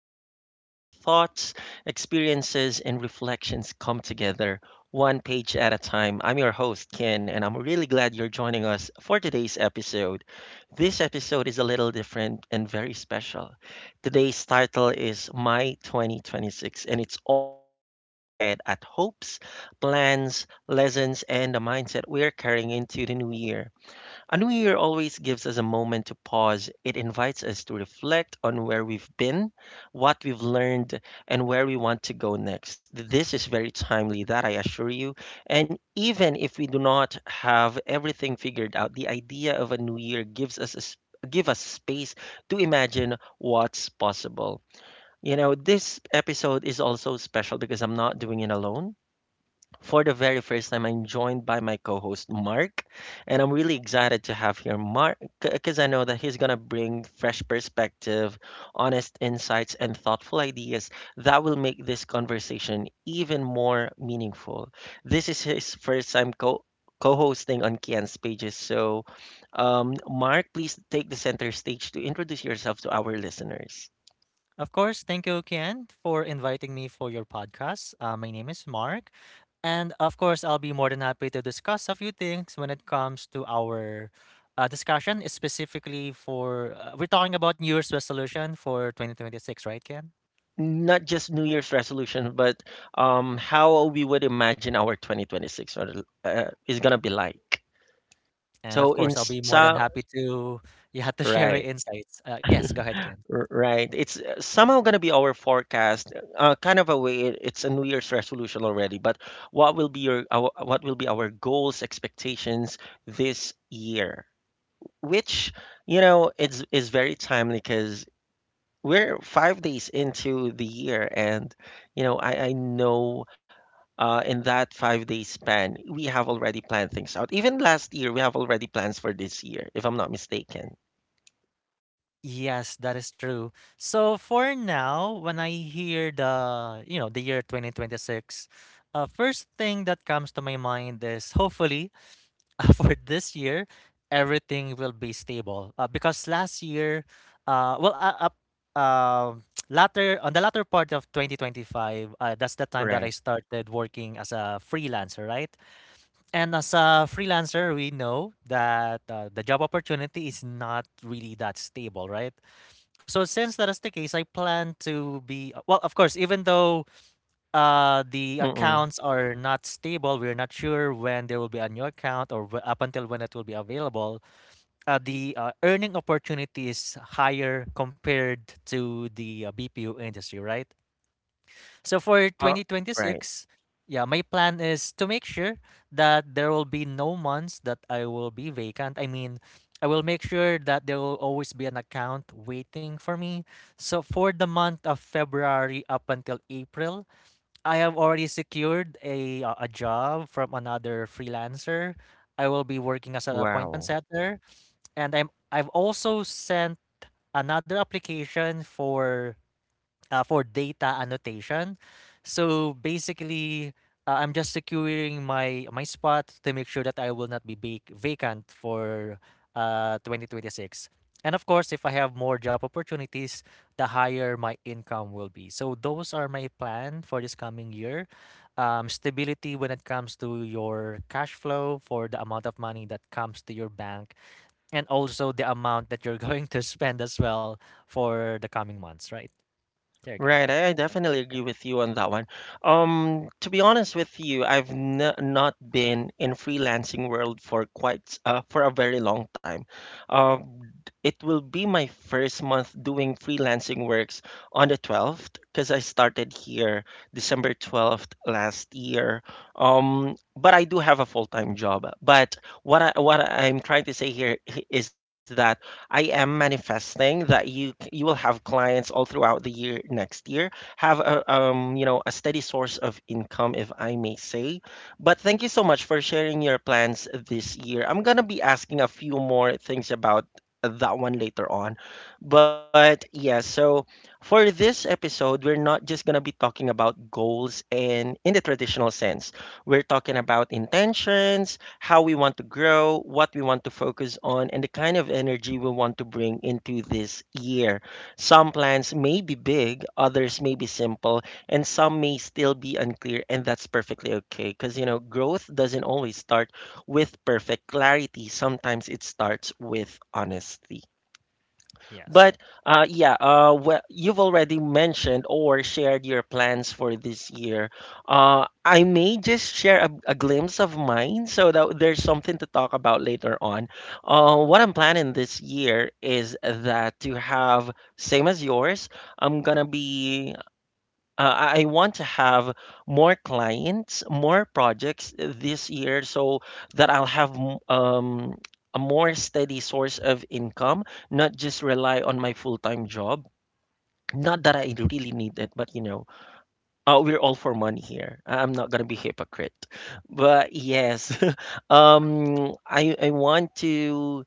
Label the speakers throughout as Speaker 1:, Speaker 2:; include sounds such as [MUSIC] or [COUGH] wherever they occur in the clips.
Speaker 1: the podcast where thoughts, experiences, and reflections come together one page at a time. I'm your host, Kian, and I'm really glad you're joining us for today's episode. This episode is a little different and very special. Today's title is My 2026, and it's all about looking ahead at hopes, plans, lessons, and the mindset we're carrying into the new year. A new year always gives us a moment to pause. It invites us to reflect on where we've been, what we've learned, and where we want to go next. This is very timely, that I assure you. And even if we do not have everything figured out, the idea of a new year gives us a s- give us space to imagine what's possible. This episode is also special because I'm not doing it alone. For the very first time, I'm joined by my co host, Mark, and I'm really excited to have here Mark because I know that he's going to bring fresh perspective, honest insights, and thoughtful ideas that will make this conversation even more meaningful. This is his first time co co-hosting on Kian's Pages. So, Mark, please take the center stage to introduce yourself to our listeners.
Speaker 2: Of course, thank you, Kian, for inviting me for your podcast. My name is Mark, and of course, I'll be more than happy to discuss a few things when it comes to our discussion, specifically for we're talking about New Year's resolution for 2026, right, Kian?
Speaker 1: Not just New Year's resolution, but how we would imagine our 2026 is gonna be like.
Speaker 2: And of
Speaker 1: So
Speaker 2: course, I'll
Speaker 1: in
Speaker 2: be more than
Speaker 1: some
Speaker 2: happy to [LAUGHS] you had to share my
Speaker 1: right,
Speaker 2: insights. Yes, go ahead, Kian.
Speaker 1: right, it's somehow gonna be our forecast. Kind of a way, it's a New Year's resolution already. But what will be our goals, expectations this year? Which you know, it's is very timely because we're 5 days into the year, and I know, in that 5 day span, we have already planned things out. Even last year, we have already plans for this year, if I'm not mistaken.
Speaker 2: Yes, that is true. So for now, when I hear the, you know, the year 2026, first thing that comes to my mind is hopefully [LAUGHS] for this year, everything will be stable. Because last year, uh, well, uh, up, uh, [TSK] latter on the latter part of 2025, that's the time that I
Speaker 1: Right.
Speaker 2: started working as a freelancer, right? And as a freelancer, we know that the job opportunity is not really that stable, right? So since that is the case, I plan to be of course, even though the
Speaker 1: Mm-mm.
Speaker 2: accounts are not stable, we're not sure when there will be a new account or up until when it will be available. The earning opportunity is higher compared to the BPO industry, right? So for
Speaker 1: Uh, right.
Speaker 2: 2026, yeah, my plan is to make sure that there will be no months that I will be vacant. I mean, I will make sure that there will always be an account waiting for me. So for the month of February up until April, I have already secured a job from another freelancer. I will be working as an appointment
Speaker 1: Wow.
Speaker 2: setter, and I've also sent another application for data annotation. So basically, I'm just securing my spot to make sure that I will not be vacant for 2026. And of course, if I have more job opportunities, the higher my income will be. So those are my plan for this coming year. Stability when it comes to your cash flow for the amount of money that comes to your bank, and also the amount that you're [LAUGHS] going to spend as well for the coming months. Right there, you go.
Speaker 1: Right, I definitely agree with you on that one. To be honest with you, I've n not been in freelancing world for quite for a very long time. Um, it will be my first month doing freelancing works on the 12th because I started here December 12th last year. But I do have a full-time job. But what I'm trying to say here is that I am manifesting that you will have clients all throughout the year next year. Have a a steady source of income, if I may say. But thank you so much for sharing your plans this year. I'm gonna be asking a few more things about that one later on. But yeah, so for this episode, we're not just gonna be talking about goals and in the traditional sense. We're talking about intentions, how we want to grow, what we want to focus on, and the kind of energy we want to bring into this year. Some plans may be big, others may be simple, and some may still be unclear, and that's perfectly okay because growth doesn't always start with perfect clarity, sometimes it starts with honesty.
Speaker 2: Yes.
Speaker 1: But yeah, well, you've already mentioned or shared your plans for this year. I may just share a glimpse of mine so that there's something to talk about later on. What I'm planning this year is that to have, same as yours, I'm gonna be uh, I want to have more clients, more projects this year so that I'll have a more steady source of income, not just rely on my full time job. Not that I really need it, but we're all for money here. I'm not gonna be hypocrite, but yes, [LAUGHS] I want to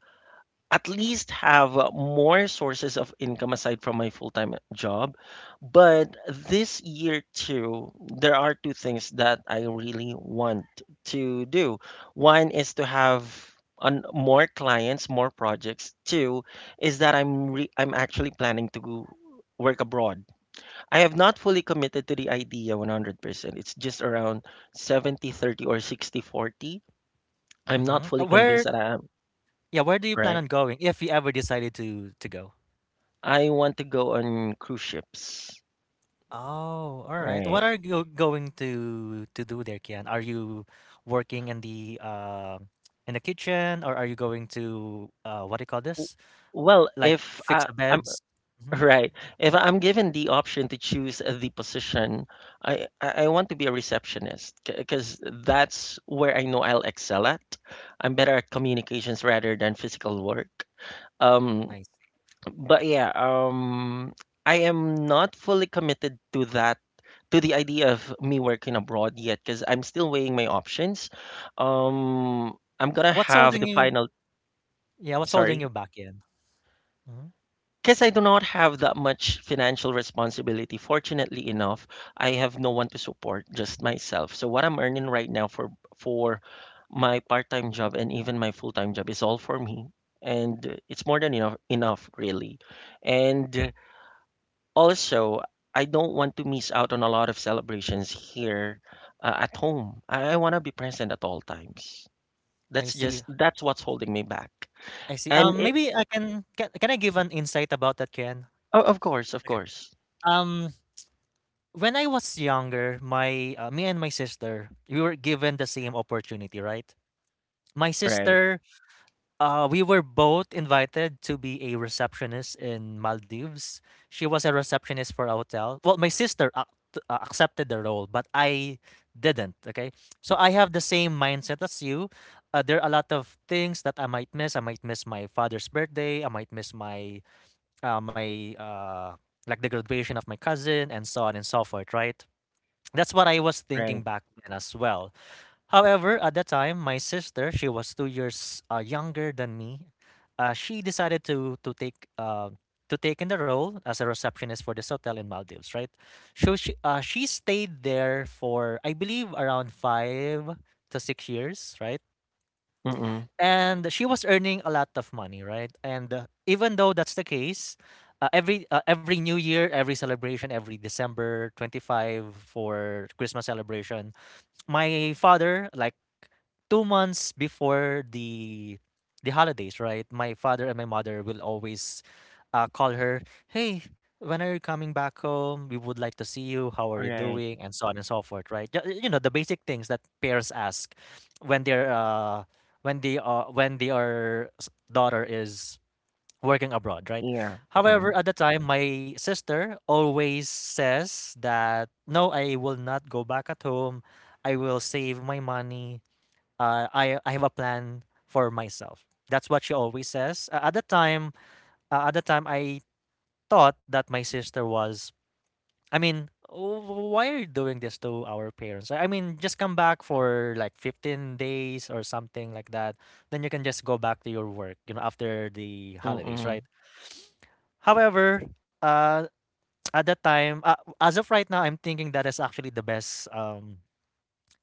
Speaker 1: at least have more sources of income aside from my full-time job. But this year too, there are two things that I really want to do. One is to have on more clients, more projects. Two is that I'm actually planning to go work abroad. I have not fully committed to the idea 100%. It's just around 70/30 or 60/40. I'm not
Speaker 2: Mm-hmm. Uh,
Speaker 1: fully convinced
Speaker 2: Where,
Speaker 1: that I am,
Speaker 2: yeah, where do you plan
Speaker 1: right?
Speaker 2: on going if you ever decided to go?
Speaker 1: I want to go on cruise ships,
Speaker 2: Oh, all right. What
Speaker 1: right?
Speaker 2: are you going to do there, Kian? Are you working in the kitchen, or are you going to what do you call
Speaker 1: W-
Speaker 2: this?
Speaker 1: Well,
Speaker 2: Like
Speaker 1: if
Speaker 2: fix
Speaker 1: I,
Speaker 2: the
Speaker 1: I'm
Speaker 2: beds?
Speaker 1: [LAUGHS]
Speaker 2: Mm-hmm.
Speaker 1: right, if I'm given the option to choose the position, I want to be a receptionist because that's where I know I'll excel at. I'm better at communications rather than physical work. Um,
Speaker 2: I see.
Speaker 1: But yeah, I am not fully committed to that, to the idea of me working abroad yet, because I'm still weighing my options. I'm gonna
Speaker 2: What's
Speaker 1: have
Speaker 2: holding
Speaker 1: the
Speaker 2: you?
Speaker 1: final,
Speaker 2: Yeah, what's holding
Speaker 1: Sorry,
Speaker 2: you back, Kian? Hmm.
Speaker 1: because I do not have that much financial responsibility. Fortunately enough, I have no one to support, just myself. So what I'm earning right now for for my part-time job and even my full-time job is all for me. And it's more than enough, enough really. And also, I don't want to miss out on a lot of celebrations here at home. I want to be present at all times.
Speaker 2: I
Speaker 1: That's
Speaker 2: see.
Speaker 1: just that's what's holding me back.
Speaker 2: I see.
Speaker 1: And it,
Speaker 2: Maybe I can, can I give an insight about that, Kian?
Speaker 1: oh, of course, of course.
Speaker 2: Um, when I was younger, my me and my sister, we were given the same opportunity, right? My
Speaker 1: Right,
Speaker 2: sister, we were both invited to be a receptionist in Maldives. She was a receptionist for a hotel. Well, my sister ac- t- accepted the role, but I didn't. Okay, so I have the same mindset as you. There are a lot of things that I might miss. I might miss my father's birthday. I might miss my uh, my uh, like the graduation of my cousin and so on and so forth, right? That's what I was
Speaker 1: right.
Speaker 2: thinking back then as well. However, at the time, my sister, she was 2 years younger than me. She decided to take in the role as a receptionist for this hotel in Maldives, right? So she stayed there for I believe around 5 to 6 years, right?
Speaker 1: Mm-mm.
Speaker 2: And she was earning a lot of money, right? And even though that's the case, every New Year, every celebration, every December 25 for Christmas celebration, my father, like 2 months before the holidays, right? My father and my mother will always call her, "Hey, when are you coming back home? We would like to see you. How are you
Speaker 1: Right.
Speaker 2: doing?" and so on and so forth, right? You know, the basic things that parents ask when they're when they are when their s- daughter is working abroad, right?
Speaker 1: Yeah. Mm.
Speaker 2: However, at the time, my sister always says that no, I will not go back at home. I will save my money. I I have a plan for myself. That's what she always says. At the time, I thought that my sister was. I mean, "Oh, why are you doing this to our parents? I mean, just come back for like 15 days or something like that. Then you can just go back to your work. You know, after the holidays,
Speaker 1: Mm-mm.
Speaker 2: right? However, uh, at that time, as of right now, I'm thinking that is actually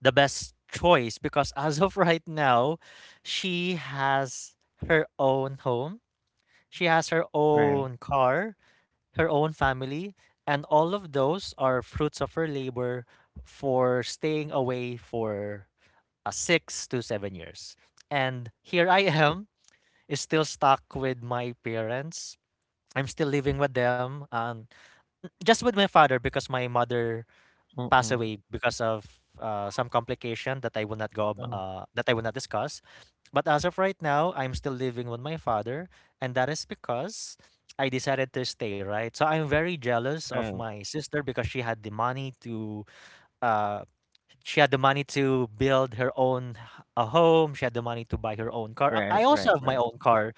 Speaker 2: the best choice because as of [LAUGHS] right now, she has her own home, she has her
Speaker 1: Right.
Speaker 2: own car, her own family, and all of those are fruits of her labor for staying away for 6 to 7 years. And here I am, is still stuck with my parents. I'm still living with them, and just with my father because my mother passed
Speaker 1: Mm-mm.
Speaker 2: away because of some complication that I will not go ab-
Speaker 1: Oh,
Speaker 2: that I will not discuss. But as of right now, I'm still living with my father, and that is because I decided to stay, right? So I'm very jealous of
Speaker 1: right,
Speaker 2: my sister because she had the money to uh she had the money to build her own a home, she had the money to buy her own car. I
Speaker 1: right,
Speaker 2: also
Speaker 1: right,
Speaker 2: have my
Speaker 1: right.
Speaker 2: own car,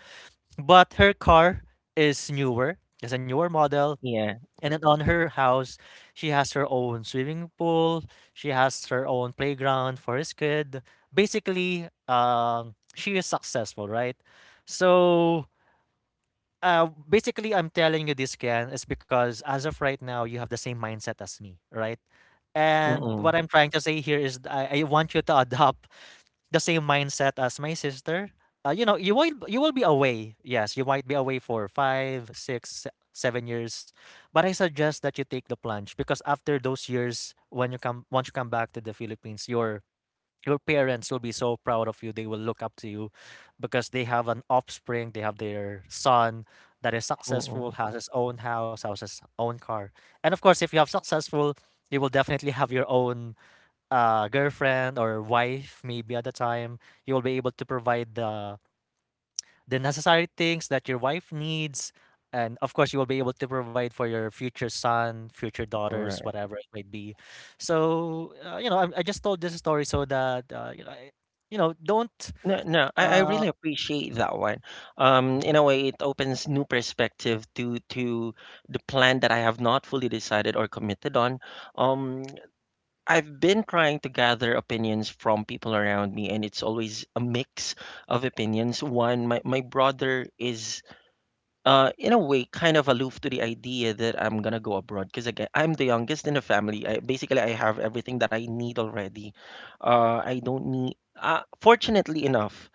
Speaker 2: but her car is newer. It's a newer model,
Speaker 1: Yeah.
Speaker 2: and then on her house, she has her own swimming pool. She has her own playground for his kid. Basically, she is successful, right? So, basically, I'm telling you this, Ken, is because as of right now, you have the same mindset as me, right? And
Speaker 1: Mm-mm.
Speaker 2: what I'm trying to say here is I want you to [LAUGHS] adopt the same mindset as my sister. You know, you will be away. Yes, you might be away for five, six, 7 years, but I suggest that you take the plunge because after those years, when you come once you come back to the Philippines, your parents will be so proud of you. They will look up to you because they have an offspring. They have their son that is successful,
Speaker 1: Mm-mm.
Speaker 2: has his own house, has his own car, and of course, if you have successful, you will definitely have your own girlfriend or wife. Maybe at the time you will be able to provide the necessary things that your wife needs, and of course you will be able to provide for your future daughters,
Speaker 1: Right.
Speaker 2: whatever it might be. So you know, I just told this story so that you know, you know, don't
Speaker 1: No, no, I
Speaker 2: uh
Speaker 1: really appreciate that one.
Speaker 2: mhm,
Speaker 1: In a way, it opens new perspective to the plan that I have not fully decided or committed on. Um, I've been trying to gather opinions from people around me, and it's always a mix of opinions. One, my brother is, in a way, kind of aloof to the idea that I'm gonna go abroad because again, I'm the youngest in the family. I, basically, I have everything that I need already. I don't need. Fortunately enough,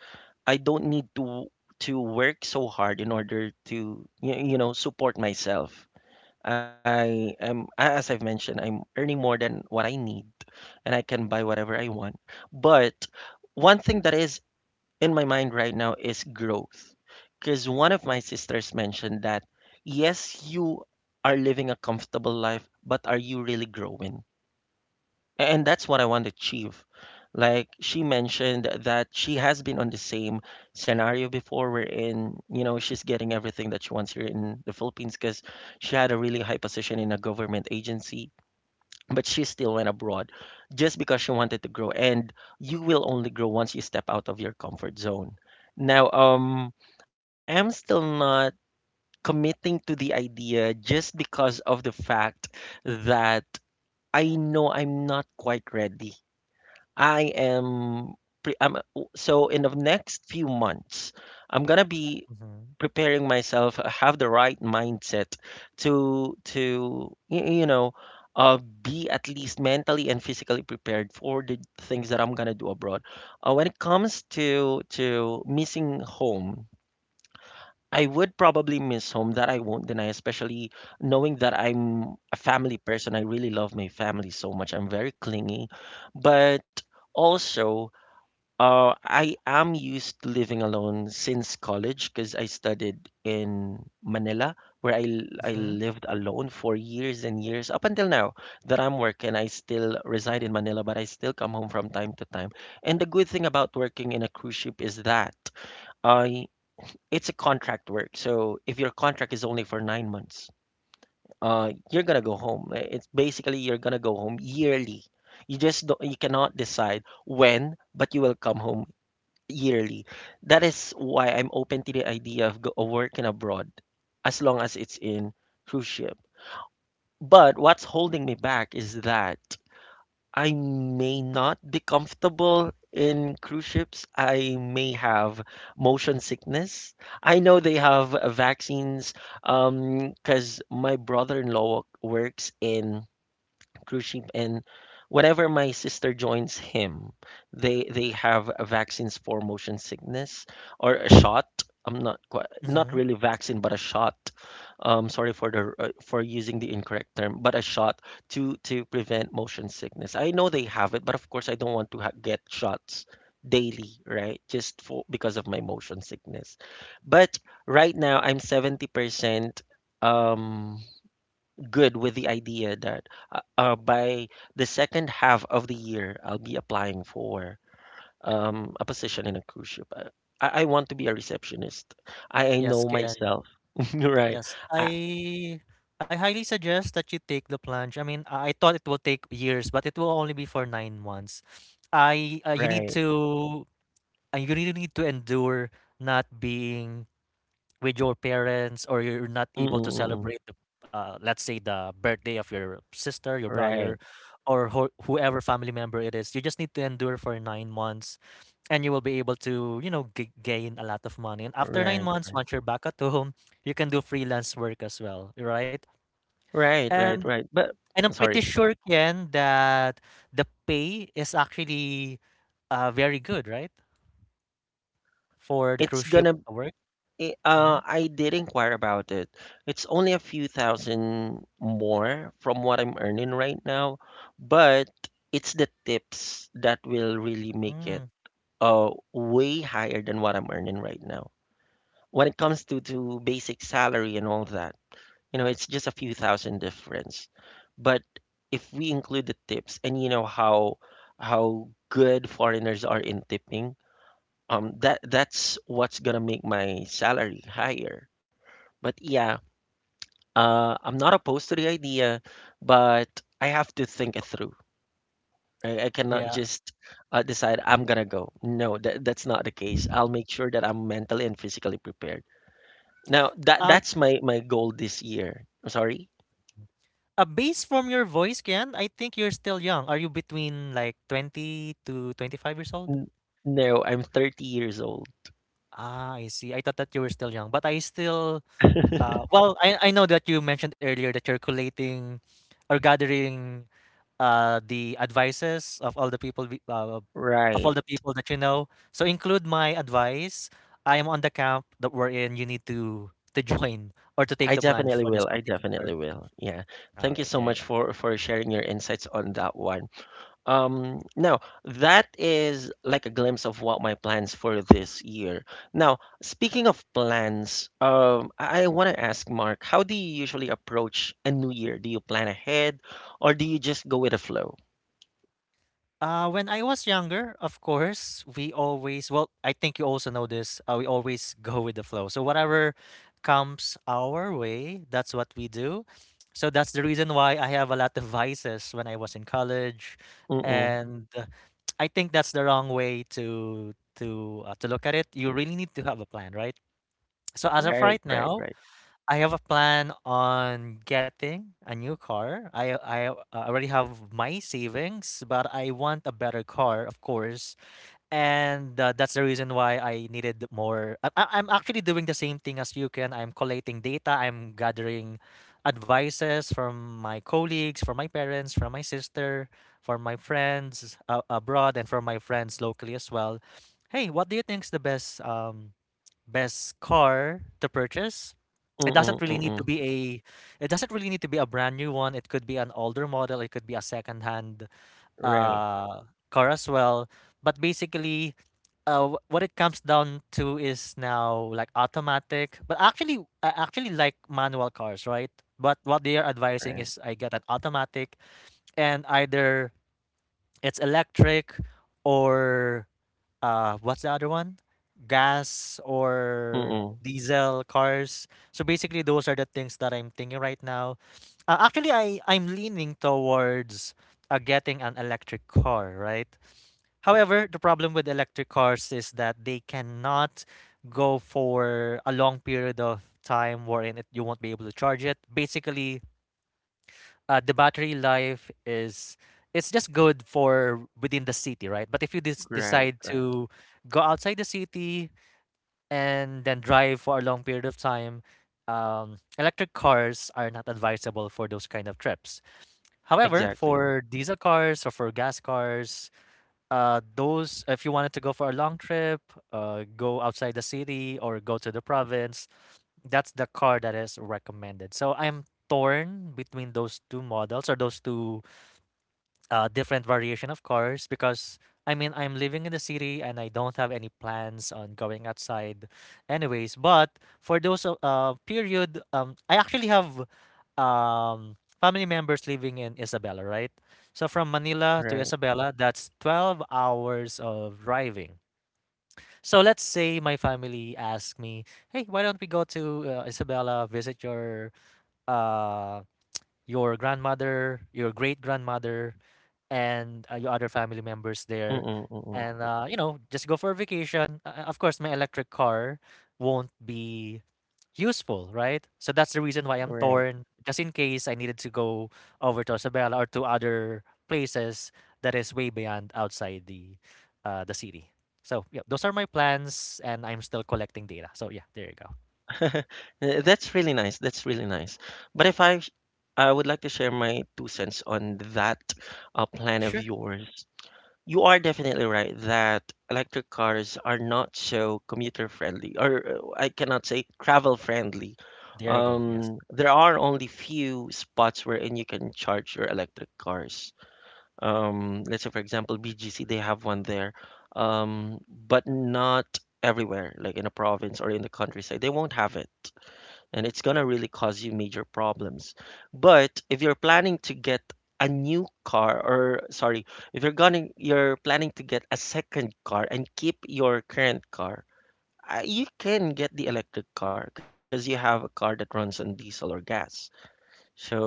Speaker 1: I don't need to work so hard in order to support myself. I am As I've mentioned, I'm earning more than what I need, and I can buy whatever I want. But one thing that is in my mind right now is growth. Because one of my sisters mentioned that yes, you are living a comfortable life, but are you really growing? And that's what I want to achieve. Like she mentioned that she has been on the same scenario before, wherein, she's getting everything that she wants here in the Philippines because she had a really high position in a government agency, but she still went abroad just because she wanted to grow. And you will only grow once you step out of your comfort zone. Now, I am still not committing to the idea just because of the fact that I know I'm not quite ready. I am pre- I'm So in the next few months, I'm gonna be
Speaker 2: mhm,
Speaker 1: preparing myself, have the right mindset to be at least mentally and physically prepared for the things that I'm gonna do abroad. When it comes to missing home, I would probably miss home, that I won't deny, especially knowing that I'm a family person. I really love my family so much. I'm very clingy, but also I am used to living alone since college because I studied in Manila, where I
Speaker 2: mhm,
Speaker 1: lived alone for years and years up until now that I'm working. I still reside in Manila, but I still come home from time to time. And the good thing about working in a cruise ship is that I it's a contract work. So if your contract is only for 9 months, you're gonna go home. It's basically you're gonna go home yearly. You just don't, you cannot decide when, but you will come home yearly. That is why I'm open to the idea of working abroad as long as it's in cruise ship. But what's holding me back is that I may not be comfortable in cruise ships. I may have motion sickness. I know they have vaccines, because my brother-in-law works in cruise ship, and whatever my sister joins him, they have a vaccines for motion sickness or a shot. I'm not quite, not
Speaker 2: mhm.
Speaker 1: really vaccine but a shot. Sorry for the for using the incorrect term, but a shot to prevent motion sickness. I know they have it, but of course, I don't want to get shots daily, right, just for because of my motion sickness. But right now, I'm 70% um good with the idea that by the second half of the year, I'll be applying for a position in a cruise ship. I want to be
Speaker 2: Y-
Speaker 1: a receptionist. I
Speaker 2: yes,
Speaker 1: know
Speaker 2: can.
Speaker 1: myself. [LAUGHS] Right.
Speaker 2: Yes,
Speaker 1: I,
Speaker 2: I highly suggest that you take the plunge. I mean, I thought it will take years, but it will only be for 9 months. I you need
Speaker 1: right.
Speaker 2: to you really need to endure not being with your parents or you're not able to
Speaker 1: Mm-mm-mm.
Speaker 2: celebrate the let's say the birthday of your sister, your
Speaker 1: Right.
Speaker 2: brother, or whoever family member it is. You just need to endure for 9 months, and you will be able to, you know, gain a lot of money, and after nine
Speaker 1: Right.
Speaker 2: months once you're back at home [LAUGHS] you can do freelance work as well, right?
Speaker 1: Right.
Speaker 2: and
Speaker 1: Right. Right. But
Speaker 2: and I'm pretty
Speaker 1: sorry.
Speaker 2: sure, Ken, that the pay is actually very good, right, for the
Speaker 1: It's
Speaker 2: cruise ship
Speaker 1: gonna
Speaker 2: work. Mm-hmm.
Speaker 1: I did inquire about it. It's only a few thousand more from what I'm earning right now, but it's the tips that will really make it
Speaker 2: Mm-hmm.
Speaker 1: way higher than what I'm earning right now. When it comes to basic salary and all that, you know, it's just a few thousand difference. But if we include the tips and you know how good foreigners are in tipping, that's what's gonna make my salary higher but yeah, I'm not opposed to the idea, but I have to think it through. I cannot
Speaker 2: Yeah.
Speaker 1: just decide I'm gonna go. No, that's not the case. I'll make sure that I'm mentally and physically prepared. Now,
Speaker 2: uh,
Speaker 1: that's my goal this year. I'm sorry.
Speaker 2: a base from your voice, Ken, I think you're still young. Are you between like 20 to 25 years old?
Speaker 1: N- No, I'm 30 years old.
Speaker 2: Ah, I see. I thought that you were still young, but I still. Well, I know that you mentioned earlier that you're collating or gathering the advices of all the people of
Speaker 1: Right.
Speaker 2: all the people that you know. So include my advice. I am on the camp that we're in. You need to [LAUGHS] join or to
Speaker 1: I
Speaker 2: take the plunge
Speaker 1: definitely
Speaker 2: for
Speaker 1: will.
Speaker 2: this
Speaker 1: I
Speaker 2: particular.
Speaker 1: definitely will. Yeah.
Speaker 2: All
Speaker 1: Thank you
Speaker 2: right,
Speaker 1: so
Speaker 2: there you go.
Speaker 1: much for sharing your insights on that one. Now, that is like a glimpse of what my plans for this year. Now, speaking of plans, I want to ask Mark, how do you usually approach a new year? Do you plan ahead or do you just go with the flow?
Speaker 2: When I was younger, of course, we always, well, I think you also know this, we always [LAUGHS] go with the flow. So whatever comes our way, that's what we do. So that's the reason why I have a lot of vices when I was in college.
Speaker 1: Mm-mm.
Speaker 2: And I think that's the wrong way to to look at it. You really need to have a plan, right? So as of
Speaker 1: Right,
Speaker 2: right
Speaker 1: right,
Speaker 2: now,
Speaker 1: right.
Speaker 2: I have a plan on getting a new car. I already have my savings, but I want a better car, of course. And That's the reason why I needed more. I'm actually doing the same thing as you can. I'm collating data. I'm gathering advices from my colleagues, from my parents, from my sister, from my friends abroad, and from my friends locally as well. Hey, what do you think is the best best car to purchase? It
Speaker 1: Mm-mm,
Speaker 2: doesn't really need
Speaker 1: mm-mm.
Speaker 2: to be a it doesn't really need to be a brand new one. It could be an older model, it could be a second-hand
Speaker 1: Right,
Speaker 2: uh car as well. But basically, what it comes down to is now like automatic. But actually I actually like manual cars, right? But what they are advising
Speaker 1: right.
Speaker 2: is I get an automatic, and either it's electric or what's the other one? Gas or
Speaker 1: Mm-mm.
Speaker 2: diesel cars. So basically those are the things that I'm thinking right now. Actually I'm leaning towards getting an electric car, right? However, the problem with electric cars is that they cannot go for a long period of time wherein you won't be able to charge it. Basically, the battery life is it's just good for within the city, right? But if you
Speaker 1: Right,
Speaker 2: decide
Speaker 1: right.
Speaker 2: to go outside the city and then drive for a long period of time, electric cars are not advisable for those kind of trips. However,
Speaker 1: Exactly.
Speaker 2: for diesel cars or for gas cars, those if you wanted to go for a long trip, go outside the city or go to the province, that's the car that is recommended. So I'm torn between those two models or those two different variation, of course, because I mean, I'm living in the city and I don't have any plans on going outside, anyways. But for those period, I actually have family members living in Isabela, right? So from Manila to
Speaker 1: Right.
Speaker 2: Isabela, that's 12 hours of driving. So let's say my family asked me, "Hey, why don't we go to Isabela, visit uh, your grandmother, your great grandmother?" And your other family members there
Speaker 1: Mm-mm,
Speaker 2: and
Speaker 1: mm-mm.
Speaker 2: uh, you know just go for a vacation of course my electric car won't be useful, right? So that's the reason why I'm
Speaker 1: Right.
Speaker 2: torn, just in case I needed to go over to Isabela or to other places that is way beyond outside the city. So yeah, those are my plans, and I'm still collecting data, so yeah, there you go.
Speaker 1: [LAUGHS] That's really nice. That's really nice. But if I, sh- I would like to share my 2 cents on that plan of
Speaker 2: Sure.
Speaker 1: yours. You are definitely right that electric cars are not so commuter friendly, or I cannot say travel friendly.
Speaker 2: There you go, yes.
Speaker 1: There are only few spots wherein you can charge your electric cars. Let's say, for example, BGC, they have one there, but not everywhere, like in a province or in the countryside. They won't have it and it's gonna really cause you major problems. But if you're planning to get a new car or sorry, If you're gonna you're planning to get a second car and keep your current car, you can get the electric car because you have a car that runs on diesel or gas. So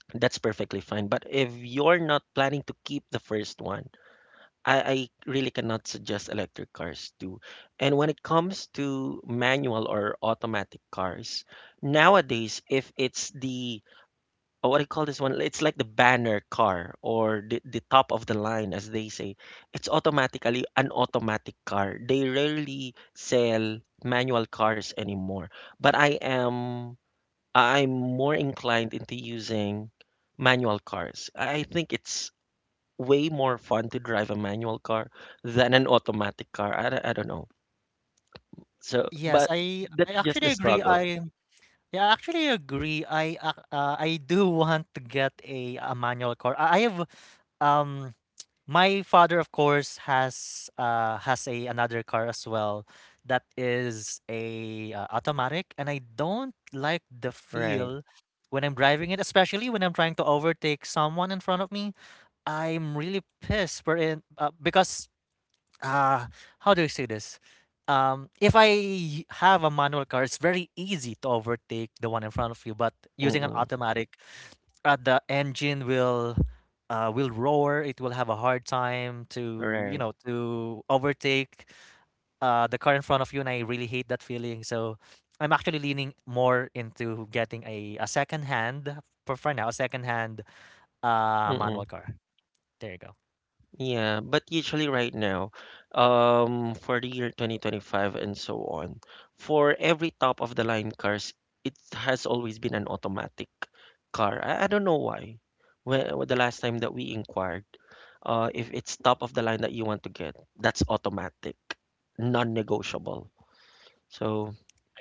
Speaker 1: that's perfectly fine. But if you're not planning to keep the first one, I really cannot suggest electric cars too. And when it comes to manual or automatic cars, nowadays, if it's the, what do you call this one? It's like the banner car or the top of the line, as they say. It's automatically an automatic car. They rarely sell manual cars anymore. But I am, I'm more inclined into using manual cars. I think it's way more fun to drive a manual car than an automatic car. I don't know. So,
Speaker 2: yes
Speaker 1: but
Speaker 2: i i
Speaker 1: that's just the
Speaker 2: actually agree
Speaker 1: struggle,
Speaker 2: i Yeah, I actually agree. I do [LAUGHS] want to get a manual car. I have um my father of course has a another car as well that is a automatic, and I don't like the
Speaker 1: right?
Speaker 2: feel when I'm driving it, especially when I'm trying to overtake someone in front of me. I'm really pissed for in because uh how do you say this? If I have a manual car, it's very easy to overtake the one in front of you, but using an
Speaker 1: Mm-mm,
Speaker 2: automatic, the engine will roar. It will have a hard time to, you
Speaker 1: right.
Speaker 2: know, to overtake the car in front of you, and I really hate that feeling. So I'm actually leaning more into getting a second hand, for now, a second hand
Speaker 1: Mm-mm.
Speaker 2: manual car. There you go.
Speaker 1: Yeah, but usually right now, for the year 2025 and so on, for every top of the line cars, it has always been an automatic car. I don't know why. The last time that we inquired, if it's top of the line that you want to get, that's automatic, non-negotiable. So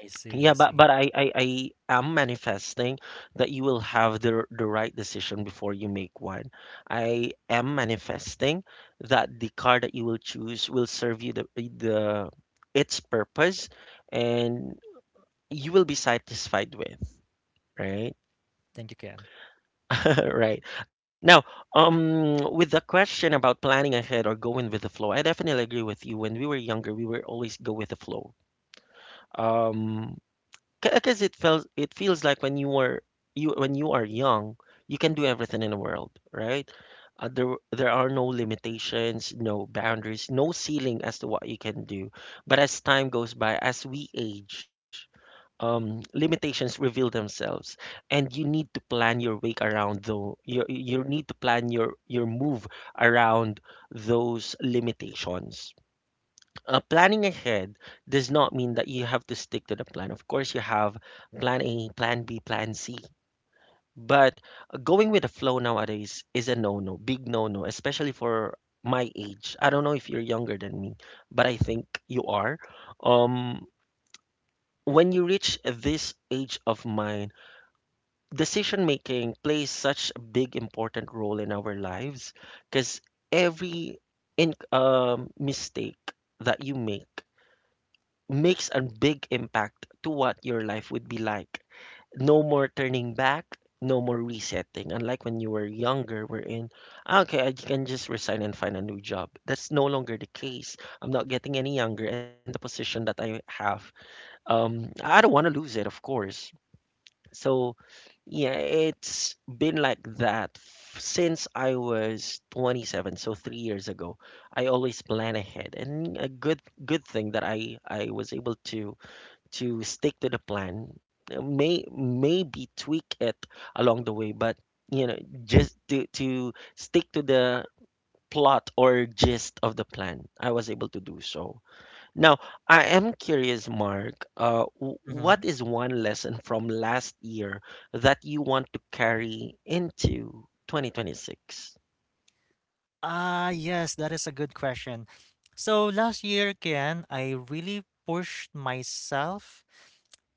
Speaker 2: I see,
Speaker 1: yeah,
Speaker 2: I see.
Speaker 1: but I am manifesting that you will have the right decision before you make one. I am manifesting that the car that you will choose will serve you the its purpose and you will be satisfied with, right? [LAUGHS]
Speaker 2: Thank you, Ken.
Speaker 1: Right. Now, with the question about planning ahead or going with the flow, I definitely agree with you. When we were younger, we were always go with the flow. Um, because it feels like when you were you when you are young you can do everything in the world, right? uh, there there are no limitations, no boundaries, no ceiling as to what you can do, but as time goes by, as we age, limitations reveal themselves and you need to plan your way around, though you need to plan your move around those limitations. Planning ahead does not mean that you have to stick to the plan. Of course, you have plan A, plan B, plan C. But going with the flow nowadays is a no no, big no no, especially for my age. I don't know if you're younger than me, but I think you are. Um, when you reach this age of mine, decision making plays such a big, important role in our lives because every mistake that you make makes a big impact to what your life would be like. No more turning back, no more resetting. Unlike when you were younger, we're in, "Ah, okay, I can just resign and find a new job. That's no longer the case. I'm not getting any younger, and the position that I have, I don't want to lose it, of course. So, yeah, it's been like that since I was 27, so 3 years ago. I always plan ahead, and a good thing that I was able to stick to the plan, maybe tweak it along the way, but you know, just to stick to the plot or gist of the plan, I was able to do so. Now, I am curious, Mark,
Speaker 2: Mhm.
Speaker 1: what is one lesson from last year that you want to carry into 2026?
Speaker 2: Ah, yes, that is a good question. So last year, Kian, I really pushed myself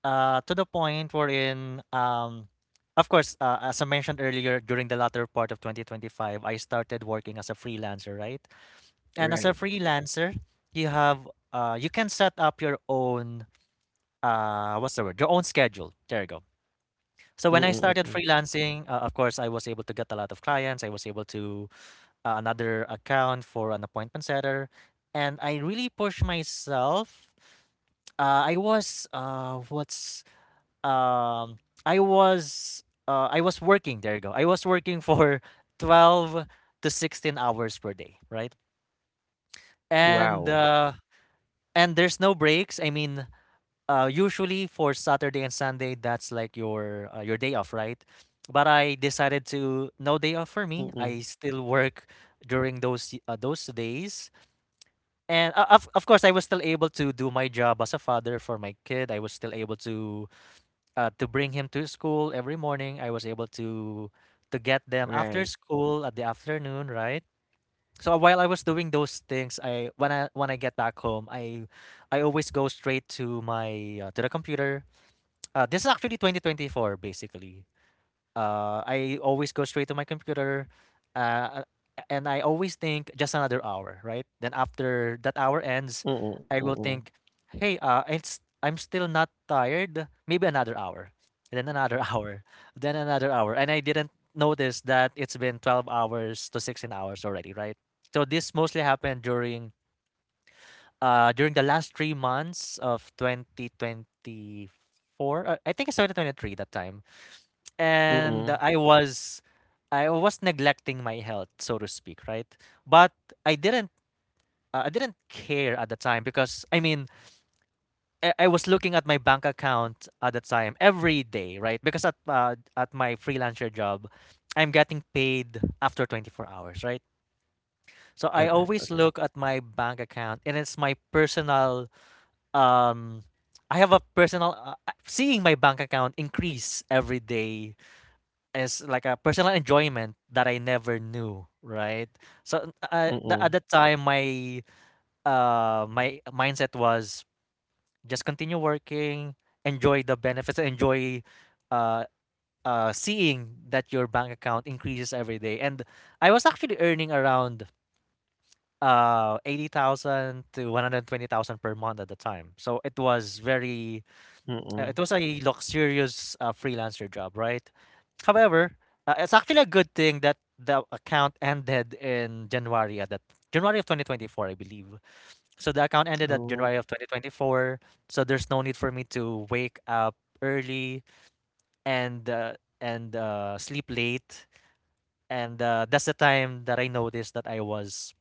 Speaker 2: to the point wherein, of course, as I mentioned earlier, during the latter part of 2025, I started working as a freelancer, right? And as a
Speaker 1: Right.
Speaker 2: freelancer, you have you can set up your own what's the word? Your own schedule. There you go. So when I started
Speaker 1: Mm-mm-mm.
Speaker 2: freelancing, of course, I was able to get a lot of clients. I was able to another account for an appointment setter, and I really pushed myself. I was What's um, I was I was working, there you go, I was working [LAUGHS] for 12 to 16 hours per day, right? and
Speaker 1: Wow.
Speaker 2: uh, and there's no breaks. I mean, usually for Saturday and Sunday that's like your day off, right? But I decided to no day off for me,
Speaker 1: Mm-mm.
Speaker 2: I still work during those days. And of course I was still able to do my job as a father for my kid. I was still able to bring him to school every morning. I was able to get them
Speaker 1: Right.
Speaker 2: after school at the afternoon, right? So while I was doing those things, I when I when I get back home, I always go straight to my to the computer. This is actually 2024 basically. I always go straight to my computer, uh, and I always think just another hour, right? Then after that hour ends, I
Speaker 1: Mm-mm-mm.
Speaker 2: will think, hey, it's I'm still not tired. Maybe another hour, and then another [LAUGHS] hour, then another hour, and I didn't notice that it's been 12 hours to 16 hours already, right? So this mostly happened during during the last 3 months of 2024. I think it's 2023 that time,
Speaker 1: Mm-mm.
Speaker 2: and I was neglecting my health, so to speak, right? But I didn't I didn't care at the time because I mean I was looking at my bank account at the time every day, right? Because at my freelancer job, I'm getting paid after 24 hours, right? So
Speaker 1: Okay,
Speaker 2: I
Speaker 1: okay.
Speaker 2: always look at my bank account, and it's my personal um. I have a personal seeing my bank account increase every day is like a personal enjoyment that I never knew, right? So
Speaker 1: Mm-mm.
Speaker 2: at that time, my my mindset was just continue working, enjoy the benefits, enjoy uh, seeing that your bank account increases every day. And I was actually earning around 80,000 to 120,000 per month at the time. So it was very
Speaker 1: Mm-mm.
Speaker 2: it was a luxurious freelancer job, right? However, it's actually a good thing that the account ended in January at that January of 2024, I believe. So the account ended at
Speaker 1: Oh,
Speaker 2: January of 2024. So there's no need for me to wake up early and sleep late. And that's the time that I noticed that I was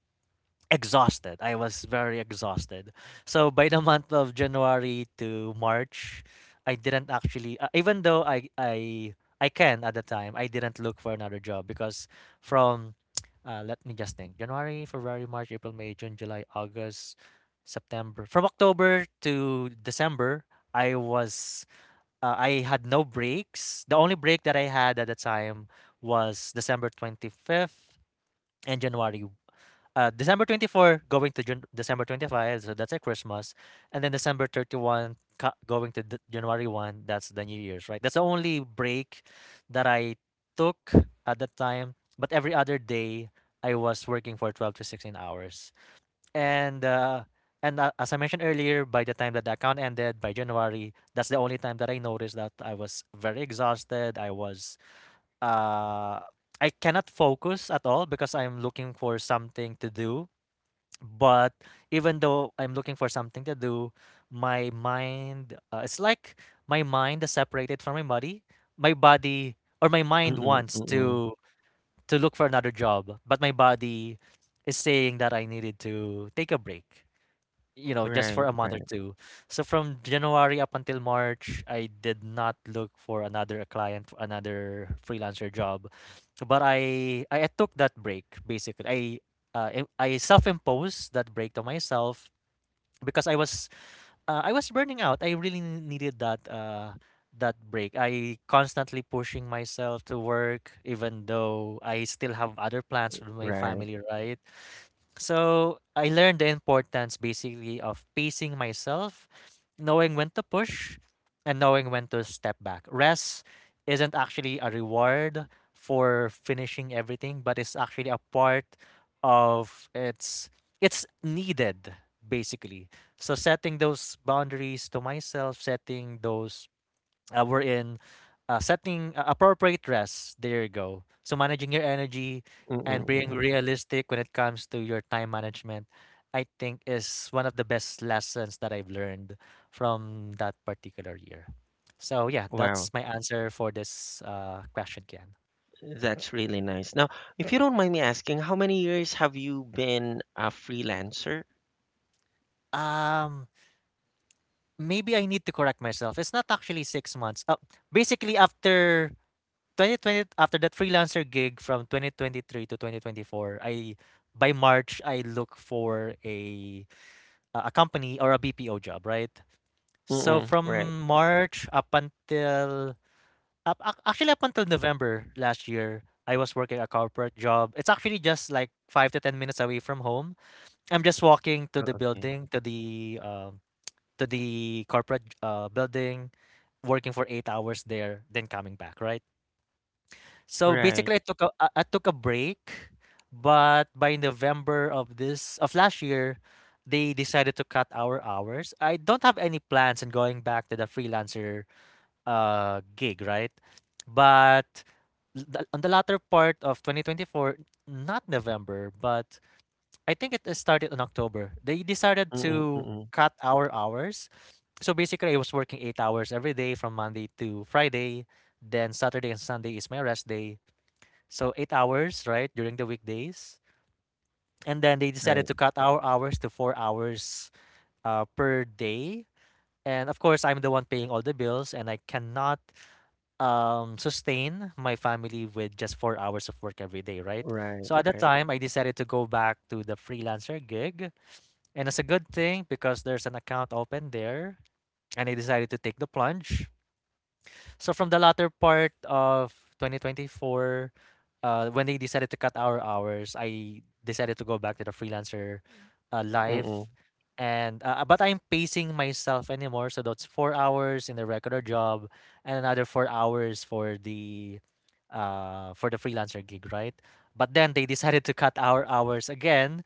Speaker 2: exhausted. I was very exhausted. So by the month of January to March, I didn't actually even though I I can at the time, I didn't look for another job because from let me just think. January, February, March, April, May, June, July, August, September. From October to December, I was I had no breaks. The only break that I had at the time was December 25th and January December 24 going to December 25, so that's a Christmas, and then December 31 going to January 1, that's the New Year's, right? That's the only break that I took at that time, but every other day I was working for 12 to 16 hours. And as I mentioned earlier, by the time that the account ended by January, that's the only time that I noticed that I was very exhausted. I was uh I cannot focus at all because I'm looking for something to do, but even though I'm looking for something to do, my mind, it's like my mind is separated from my body. My body or my mind
Speaker 1: mm-mm,
Speaker 2: wants
Speaker 1: mm-mm.
Speaker 2: to look for another job, but my body is saying that I needed to take a break, you know, just for a
Speaker 1: Right,
Speaker 2: month or
Speaker 1: right,
Speaker 2: two. So from January up until March, I did not look for another client, for another freelancer job. But I I took that break basically. Uh, I self-imposed that break to myself because I was burning out. I really needed that that break. I constantly pushing myself to work even though I still have other plans with my
Speaker 1: right.
Speaker 2: family, right? So I learned the importance basically of pacing myself, knowing when to push and knowing when to step back. Rest isn't actually a reward for finishing everything, but it's actually a part of it's needed basically. So setting those boundaries to myself, setting those we're in setting appropriate rest. There you go. So managing your energy
Speaker 1: Mm-mm,
Speaker 2: and being
Speaker 1: mm-mm.
Speaker 2: realistic when it comes to your time management, I think is one of the best lessons that I've learned from that particular year. So yeah,
Speaker 1: Wow,
Speaker 2: that's my answer for this question, Ken.
Speaker 1: that's really nice. Now, if you don't mind me asking, how many years have you been a freelancer?
Speaker 2: Um, Maybe I need to correct myself. It's not actually 6 months. Basically, after 2020, after that freelancer gig from 2023 to 2024, I, by March, I look for a company or a BPO job, right? So
Speaker 1: Mm-mm, right.
Speaker 2: from March up until actually up until November last year, I was working a corporate job. It's actually just like 5 to 10 minutes away from home. I'm just walking to
Speaker 1: Oh,
Speaker 2: the
Speaker 1: okay.
Speaker 2: building, to the corporate building, working for 8 hours there, then coming back, right? So
Speaker 1: Right.
Speaker 2: basically, I took a break, but by November of this of last year, they decided to cut our hours. I don't have any plans in going back to the freelancer gig, right? But on the latter part of 2024, not November, but I think it started in October. They decided
Speaker 1: Mm-mm,
Speaker 2: to
Speaker 1: mm-mm.
Speaker 2: cut our hours. So basically, I was working 8 hours every day from Monday to Friday. Then Saturday and Sunday is my rest day, so 8 hours, right, during the weekdays. And then they decided
Speaker 1: Right,
Speaker 2: to cut our hours to 4 hours per day. And of course, I'm the one paying all the bills, and I cannot sustain my family with just 4 hours of work every day, right? So
Speaker 1: right,
Speaker 2: at that
Speaker 1: right.
Speaker 2: time, I decided to go back to the freelancer gig. And it's a good thing because there's an account open there, and I decided to take the plunge. So from the latter part of 2024, when they decided to cut our hours, I decided to go back to the freelancer life.
Speaker 1: Mm-mm,
Speaker 2: And But I'm pacing myself anymore, so that's 4 hours in the regular job and another 4 hours for the freelancer gig, right? But then they decided to cut our hours again.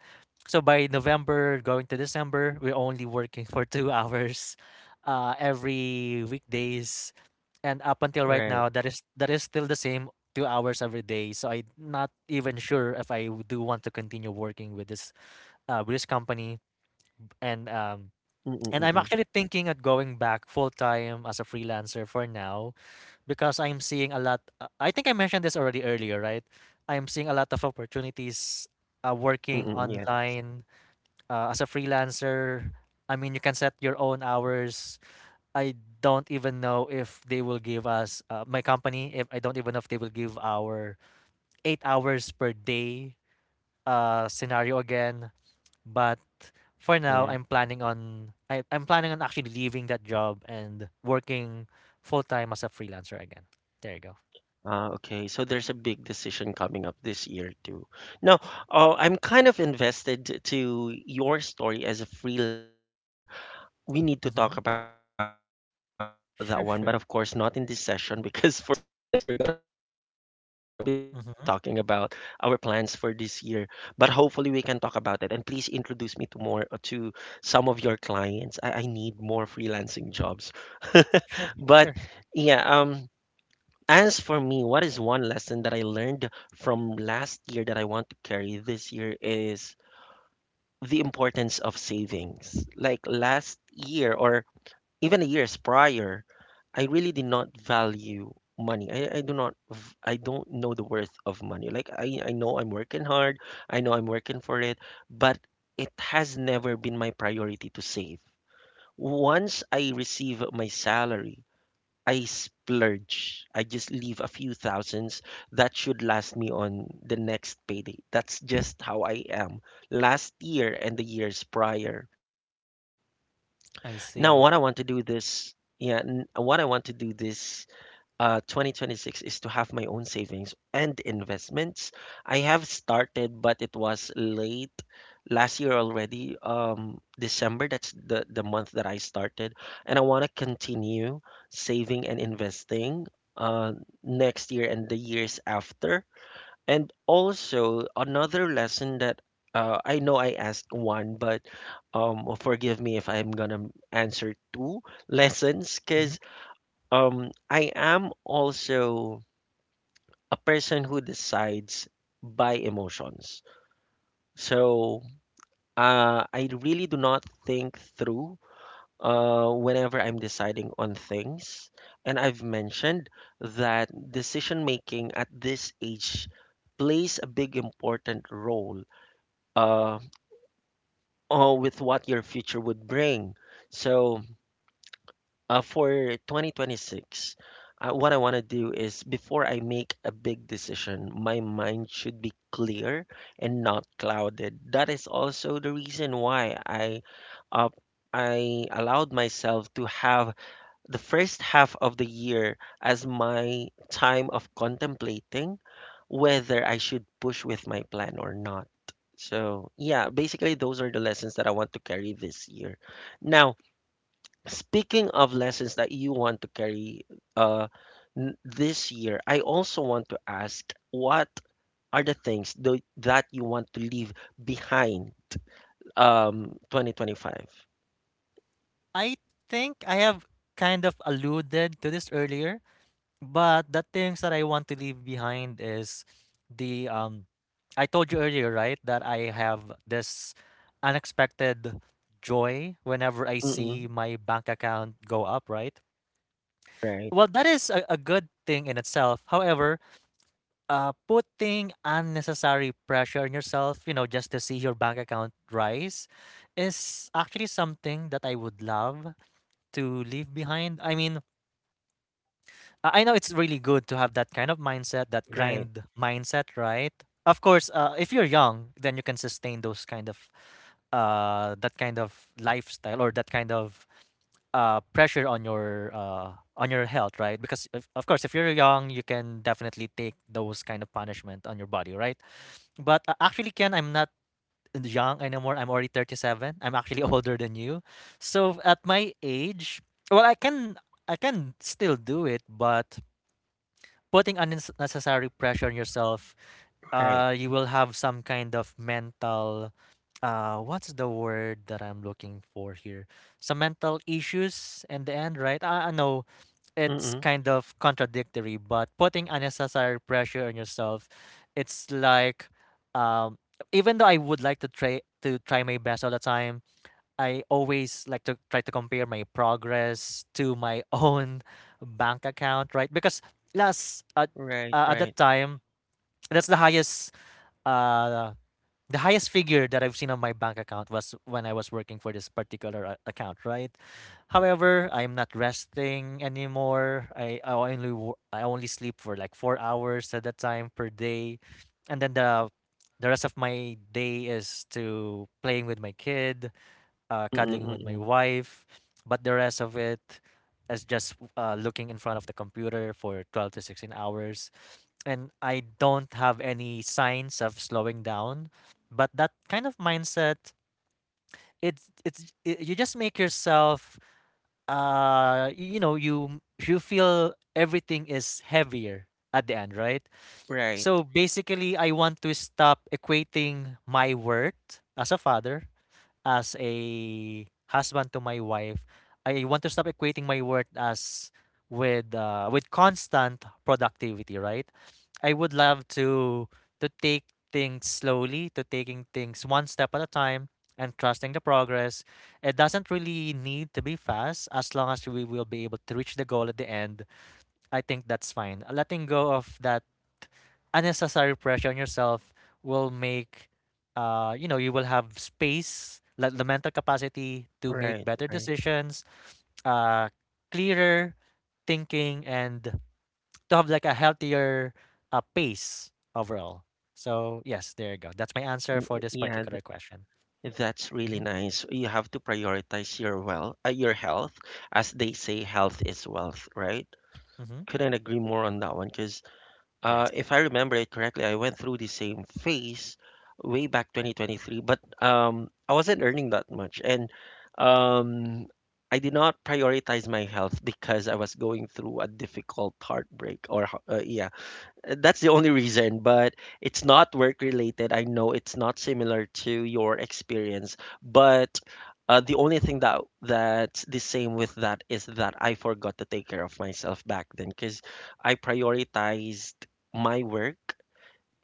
Speaker 2: So by November going to December, we're only working [LAUGHS] for 2 hours every weekdays, and up until right now,
Speaker 1: right.
Speaker 2: that is still the same 2 hours every day. So I'm not even sure if do want to continue working with this with this company. And
Speaker 1: Mm-mm,
Speaker 2: um,
Speaker 1: mm-mm.
Speaker 2: and I'm actually thinking at going back full time as a freelancer for now, because I'm seeing a lot. I think I mentioned this already earlier, right? I'm seeing a lot of opportunities working
Speaker 1: Mm-mm, yeah,
Speaker 2: online as a freelancer. I mean, you can set your own hours. I don't even know if they will give us my company. If I don't even know if they will give our 8 hours per day scenario again. But for
Speaker 1: yeah.
Speaker 2: now, I'm planning on actually leaving that job and working full time as a freelancer again. There you go.
Speaker 1: Ah, okay, so there's a big decision coming up this year too. Now, I'm kind of invested to your story as a freelancer. We need to talk
Speaker 2: Mm-hmm.
Speaker 1: about that one, but of course not in this session
Speaker 2: Sure,
Speaker 1: because
Speaker 2: sure.
Speaker 1: [LAUGHS] for this podcast we're gonna be talking about our plans for this year. But hopefully
Speaker 2: Mm-hmm.
Speaker 1: we can talk about it. And please introduce me to more to some of your clients. I need more freelancing jobs. [LAUGHS] But yeah,
Speaker 2: Sure,
Speaker 1: as
Speaker 2: sure.
Speaker 1: for me, what is one lesson that I learned from last year that I want to carry this year is the importance of savings. Like last year or even the years prior, I really did not value money. I do not I don't know the worth of money. I know I'm working hard, I know I'm working for it, but it has never been my priority to save. Once I receive my salary, I splurge. I just leave a few thousands that should last me on the next payday. That's just how I am. Last year and the years prior.
Speaker 2: I
Speaker 1: Now,
Speaker 2: see.
Speaker 1: what I want to do this 2026 is to have my own savings and investments. I have started, but it was late last year already. December, that's the month that I started, and I want to continue saving and investing uh next year and the years after. And also another lesson that I know I asked one, but forgive me if I'm gonna answer two lessons,
Speaker 2: Mm-hmm.
Speaker 1: because I am also a person who decides by emotions. So I really do not think through whenever I'm deciding on things. And I've mentioned that decision making at this age plays a big important role, uh, or with what your future would bring. So for 2026, what I want to do is before I make a big decision, my mind should be clear and not clouded. That is also the reason why uh, I allowed myself to have the first half of the year as my time of contemplating whether I should push with my plan or not. So, yeah, basically, those are the lessons that I want to carry this year. Now, speaking of lessons that you want to carry uh, this year, I also want to ask what are the that you want to leave behind 2025?
Speaker 2: I think I have kind of alluded to this earlier, but the things that I want to leave behind is the I told you earlier, right, that I have this unexpected joy whenever I
Speaker 1: Mm-mm.
Speaker 2: see my bank account go up, right?
Speaker 1: Right,
Speaker 2: Well, that is a good thing in itself. However, putting unnecessary pressure on yourself, just to see your bank account rise is actually something that I would love to leave behind. I mean, I know it's really good to have that kind of mindset, that
Speaker 1: right,
Speaker 2: grind mindset, right? Of course, if you're young, then you can sustain those kind of that kind of lifestyle or that kind of pressure on your on your health, right? Because of course, if you're young, you can definitely take those kind of punishment on your body, right? But actually, Ken, I'm not young anymore. I'm already 37. I'm actually [LAUGHS] older than you. So at my age, well, I can still do it, but putting unnecessary pressure on yourself,
Speaker 1: right.
Speaker 2: you will have some kind of mental, what's the word that I'm looking for here? Some mental issues in the end, right? I know it's
Speaker 1: Mm-mm.
Speaker 2: kind of contradictory, but putting unnecessary pressure on yourself, it's like, um, even though I would like to try my best all the time, I always like to try to compare my progress to my own [LAUGHS] bank account, right? Because last
Speaker 1: Right,
Speaker 2: at that
Speaker 1: right.
Speaker 2: time, that's the highest uh figure that I've seen on my bank account was when I was working for this particular account, right? However, I'm not resting anymore. I only sleep for like 4 hours at that time per day, and then the rest of my day is to playing with my kid,
Speaker 1: Mm,
Speaker 2: cuddling with my
Speaker 1: mm.
Speaker 2: wife, but the rest of it is just looking in front of the computer for 12 to 16 hours. And I don't have any signs of slowing down. But that kind of mindset, you just make yourself, uh you know you you feel everything is heavier at the end, right?
Speaker 1: Right.
Speaker 2: So basically, I want to stop equating my worth as a father, as a husband to my wife. I want to stop equating my worth as with constant productivity, right? I would love to take things slowly, to taking things one step at a time and trusting the progress. It doesn't really need to be fast as long as we will be able to reach the goal at the end. I think that's fine. Letting go of that unnecessary pressure on yourself will make you will have space, like the mental capacity to make
Speaker 1: Right.
Speaker 2: better
Speaker 1: Right.
Speaker 2: decisions, uh clearer thinking, and to have like a healthier pace overall. So yes, there you go. That's my answer
Speaker 1: Mm,
Speaker 2: for this
Speaker 1: yeah,
Speaker 2: particular question.
Speaker 1: that's really
Speaker 2: Mm-hmm.
Speaker 1: nice. You have to prioritize your your health, as they say, health is
Speaker 2: Hmm.
Speaker 1: wealth, right? Couldn't agree more on that one because
Speaker 2: Yes.
Speaker 1: if I remember it correctly, I went through the same phase way back 2023, but I wasn't earning that much, and um, I did not prioritize my health because I was going through a difficult heartbreak, yeah, that's the only reason, but it's not work related. I know it's not similar to your experience, but the only thing that that's the same with that is that I forgot to take care of myself back then because I prioritized my work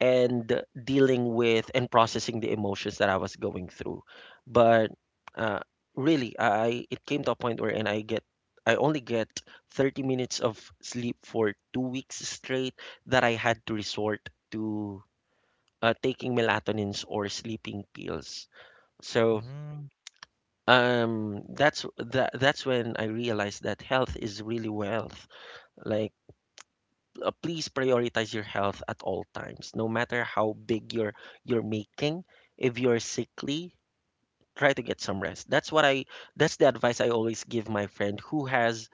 Speaker 1: and dealing with and processing the emotions that I was going through. But uh, really, I it came to a point where and I get I only get 30 minutes of sleep for 2 weeks straight that I had to resort to taking melatonins or sleeping pills. So
Speaker 2: Mm-hmm.
Speaker 1: that's when I realized that health is really wealth. Like please prioritize your health at all times, no matter how big you're making. If you're sickly, try to get some rest. That's the advice I always give my friend who has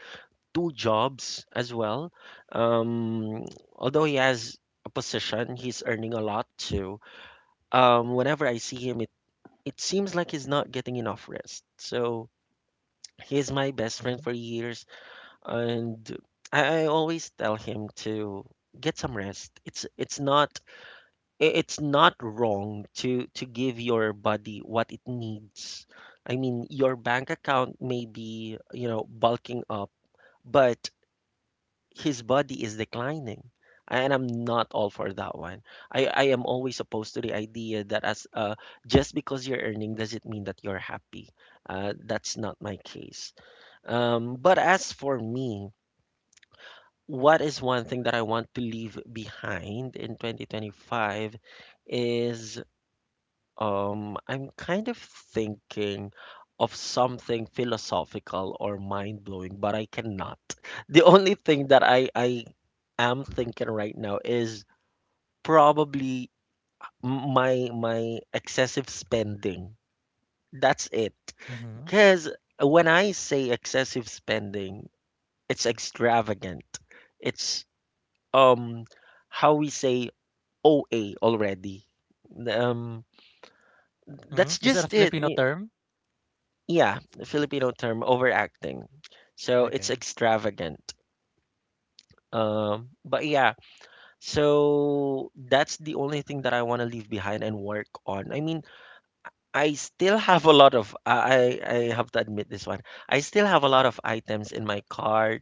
Speaker 1: two jobs as well. Um, Although he has a position, he's earning a lot too. Whenever I see him, it seems like he's not getting enough rest. So he's my best friend
Speaker 2: Mm-hmm.
Speaker 1: for years, and I always tell him to get some rest. It's not wrong to give your body what it needs. I mean, your bank account may be, bulking up, but his body is declining. And I'm not all for that one. I am always opposed to the idea that as just because you're earning does it mean that you're happy. That's not my case. But as for me, what is one thing that I want to leave behind in 2025 is I'm kind of thinking of something philosophical or mind-blowing, but I cannot. [LAUGHS] The only thing that I am thinking right now is probably my excessive spending. That's it.
Speaker 2: Mm-hmm.
Speaker 1: Because when I say excessive spending, it's extravagant. It's um how we say OA already. Um, that's
Speaker 2: Mm-hmm. Is that a
Speaker 1: just it.
Speaker 2: Filipino term?
Speaker 1: Yeah, the Filipino term overacting. So it's
Speaker 2: Okay.
Speaker 1: extravagant. But yeah, so that's the only thing that I want to leave behind and work on. I mean, I still have a lot of I have to admit this one. I still have a lot of items in my cart,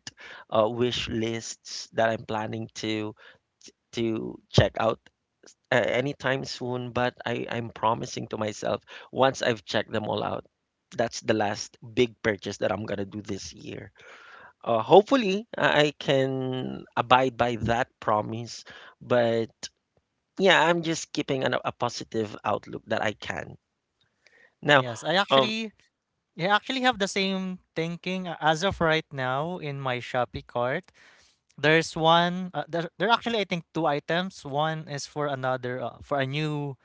Speaker 1: wish lists that I'm planning to check out anytime soon, but I'm promising to myself once I've checked them all out, that's the last big purchase that I'm gonna do this year. Hopefully, I can abide by that promise. But yeah, I'm just keeping a positive outlook that I can. Now,
Speaker 2: yes I
Speaker 1: um,
Speaker 2: actually Yeah, I actually have the same thinking as of right now in my Shopee cart. There's there are actually, I think, two items. One is for a new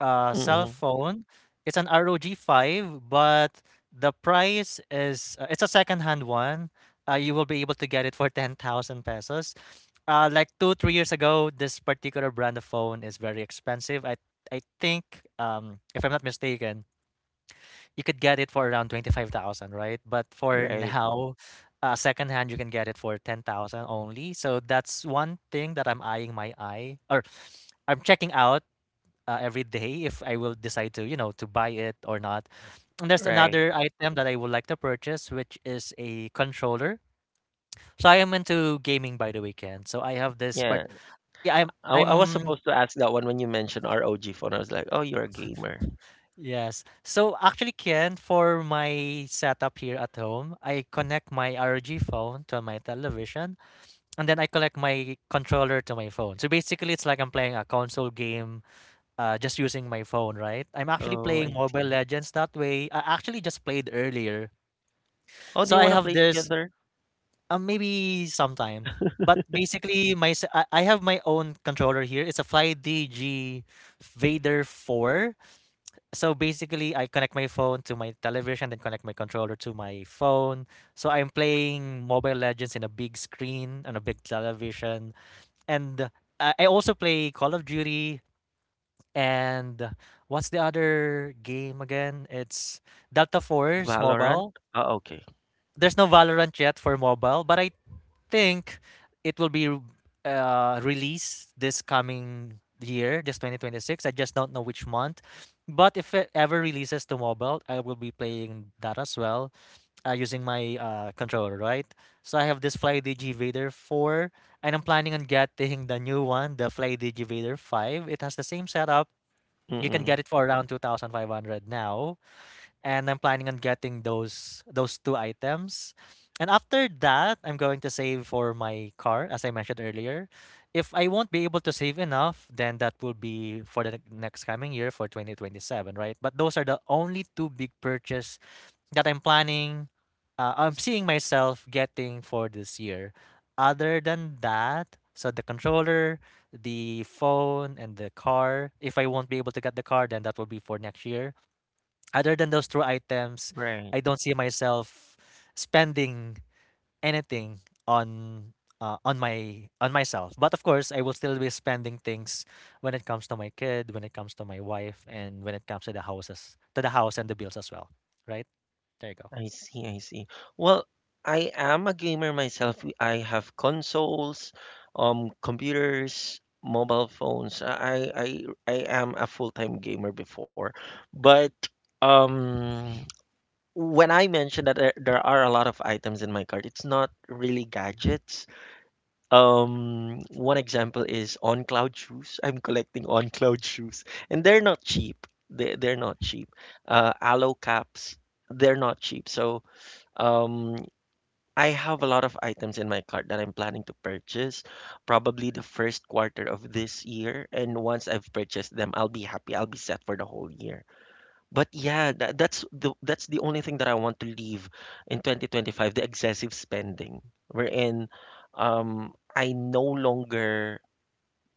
Speaker 2: cell
Speaker 1: mhm,
Speaker 2: phone. It's an ROG 5, but the price is it's a second-hand one. You will be able to get it for [LAUGHS] 10,000 pesos. Like 2 3 years ago, this particular brand of phone is very expensive. I think if I'm not mistaken, you could get it for around 25,000, right? But for
Speaker 1: right,
Speaker 2: now, secondhand, you can get it for 10,000 only. So that's one thing that I'm eyeing, my eye or I'm checking out every day, if I will decide to, to buy it or not. And there's
Speaker 1: right.
Speaker 2: another item that I would like to purchase, which is a controller. So I am into gaming by the weekend. So I have this part.
Speaker 1: Yeah,
Speaker 2: Yeah, I'm.
Speaker 1: I was
Speaker 2: I'm
Speaker 1: supposed to ask that one when you mentioned ROG phone. I was like, oh, you're a gamer.
Speaker 2: Yes. So actually, Ken, for my setup here at home, I connect my ROG phone to my television, and then I connect my controller to my phone. So basically, it's like I'm playing a console game, just using my phone, right? I'm actually
Speaker 1: Oh, I
Speaker 2: playing Mobile
Speaker 1: see.
Speaker 2: Legends that way. I actually just played earlier,
Speaker 1: Oh, do
Speaker 2: so
Speaker 1: you
Speaker 2: I
Speaker 1: want to
Speaker 2: have
Speaker 1: play
Speaker 2: this,
Speaker 1: together?
Speaker 2: maybe sometime. But basically, my se- I have my own controller here. It's a 5DG Vader 4, so basically, I connect my phone to my television, then connect my controller to my phone. So I'm playing Mobile Legends in a big screen on a big television, and I also play Call of Duty, and what's the other game again? It's Delta Force
Speaker 1: Valorant?
Speaker 2: Mobile.
Speaker 1: Oh, okay.
Speaker 2: There's no Valorant yet for mobile, but I think it will be released this coming year, this 2026. I just don't know which month. But if it ever releases to mobile, I will be playing that as well, using my controller, right? So I have this Fly Digi Vader 4, and I'm planning on getting the new one, the Fly Digi Vader 5. It has the same setup. You can get
Speaker 1: Mm-mm.
Speaker 2: it for around 2,500 now, and I'm planning on getting those two items. And after that, I'm going to save for my car, as I mentioned earlier. If I won't be able to save enough, then that will be for the next coming year for 2027, right? But those are the only two big purchase that I'm planning, I'm seeing myself getting for this year. Other than that, so the controller, the phone, and the car. If I won't be able to get the car, then that will be for next year. Other than those two items,
Speaker 1: Right.
Speaker 2: I don't see myself spending anything on on myself. But of course, I will still be spending things when it comes to my kid, when it comes to my wife, and when it comes to the houses, to the house and the bills as well. Right? There you go.
Speaker 1: I see, I see. Well, I am a gamer myself. I have consoles, computers, mobile phones. I am a full-time gamer before, but um, when I mentioned that there are a lot of items in my cart, it's not really gadgets. One example is on cloud shoes. I'm collecting on cloud shoes, and they're not cheap. They're not cheap. Aloe caps, they're not cheap. So. Um, I have a lot of items in my cart that I'm planning to purchase, probably the first quarter of this year. And once I've purchased them, I'll be happy. I'll be set for the whole year. But yeah, that's the only thing that I want to leave in 2025, the excessive spending. Wherein I no longer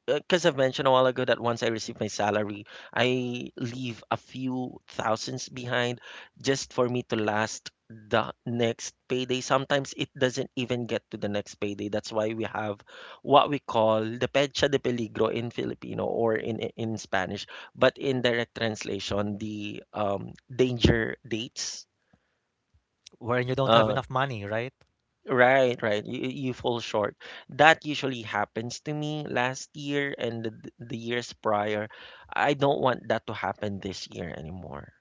Speaker 1: because I've mentioned a while ago that once I receive my salary, I leave a few thousands behind just for me to last the next payday. Sometimes it doesn't even get to the next payday. That's why we have what we call the pecha de peligro in Filipino or in Spanish, but in direct translation, the danger dates.
Speaker 2: Wherein you don't have
Speaker 1: Uh,
Speaker 2: enough money, right?
Speaker 1: Right, right. You fall short. That usually happens to me last year and the years prior. I don't want that to happen this year anymore.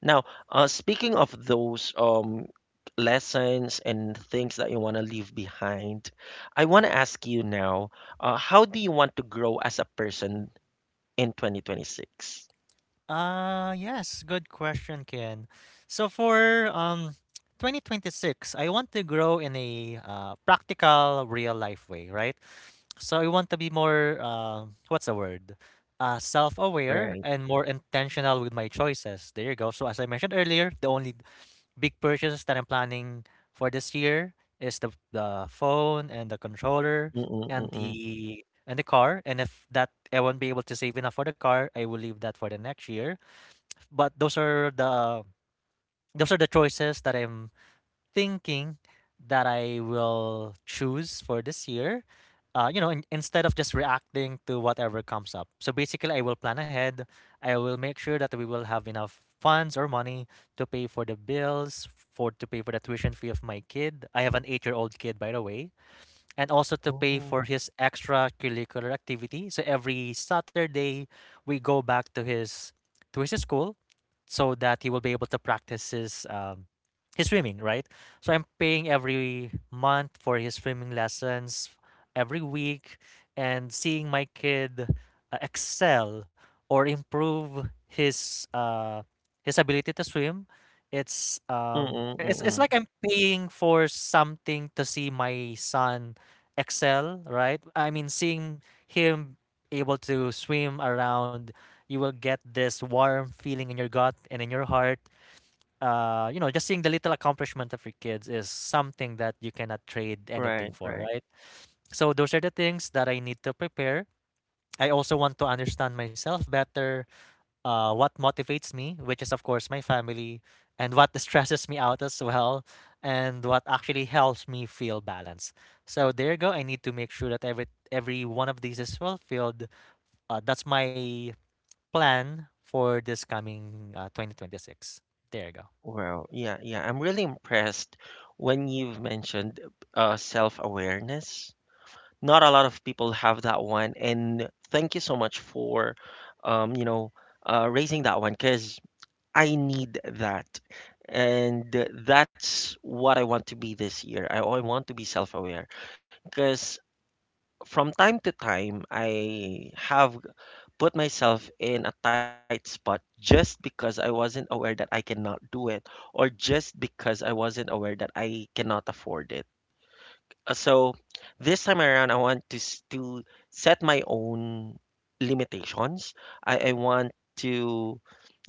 Speaker 1: Now, speaking of those lessons and things that you want to leave behind, I want to ask you now, how do you want to grow as a person in 2026?
Speaker 2: Yes, good question, Ken. So for 2026, I want to grow in a practical, real life way, right? So I want to be more, what's the word? Self-aware
Speaker 1: Right.
Speaker 2: and more intentional with my choices. There you go. So as I mentioned earlier, the only big purchases that I'm planning for this year is the phone and the controller
Speaker 1: Mm-mm,
Speaker 2: and
Speaker 1: mm-mm.
Speaker 2: the and the car. And if that I won't be able to save enough for the car, I will leave that for the next year. But those are the choices that I'm thinking that I will choose for this year. Instead of just reacting to whatever comes up. So basically, I will plan ahead. I will make sure that we will have enough funds or money to pay for the bills, for to pay for the tuition fee of my kid. I have an eight-year-old kid, by the way, and also to pay
Speaker 1: Oh.
Speaker 2: for his extracurricular activity. So every Saturday, we go back to his school so that he will be able to practice his swimming, right? So I'm paying every month for his swimming lessons every week, and seeing my kid excel or improve his ability to swim. It's um
Speaker 1: Mm-mm,
Speaker 2: it's it's
Speaker 1: mm-mm.
Speaker 2: like I'm paying for something to see my son excel, right? I mean, seeing him able to swim around, you will get this warm feeling in your gut and in your heart. Just seeing the little accomplishment of your kids is something that you cannot trade anything
Speaker 1: Right,
Speaker 2: for,
Speaker 1: right.
Speaker 2: right? So those are the things that I need to prepare. I also want to understand myself better, what motivates me, which is, of course, my family, and what [LAUGHS] stresses me out as well, and what actually helps me feel balanced. So there you go. I need to make sure that every one of these is fulfilled. That's my plan for this coming 2026. There you go.
Speaker 1: Well, yeah, yeah. I'm really impressed when you've mentioned self-awareness. Not a lot of people have that one, and thank you so much for, um, you know, raising that one because I need that, and that's what I want to be this year. I want to be self-aware because from time to time I have put myself in a tight spot just because I wasn't aware that I cannot do it, or just because I wasn't aware that I cannot afford it. So this time around, I want to s- to set my own limitations. I want to,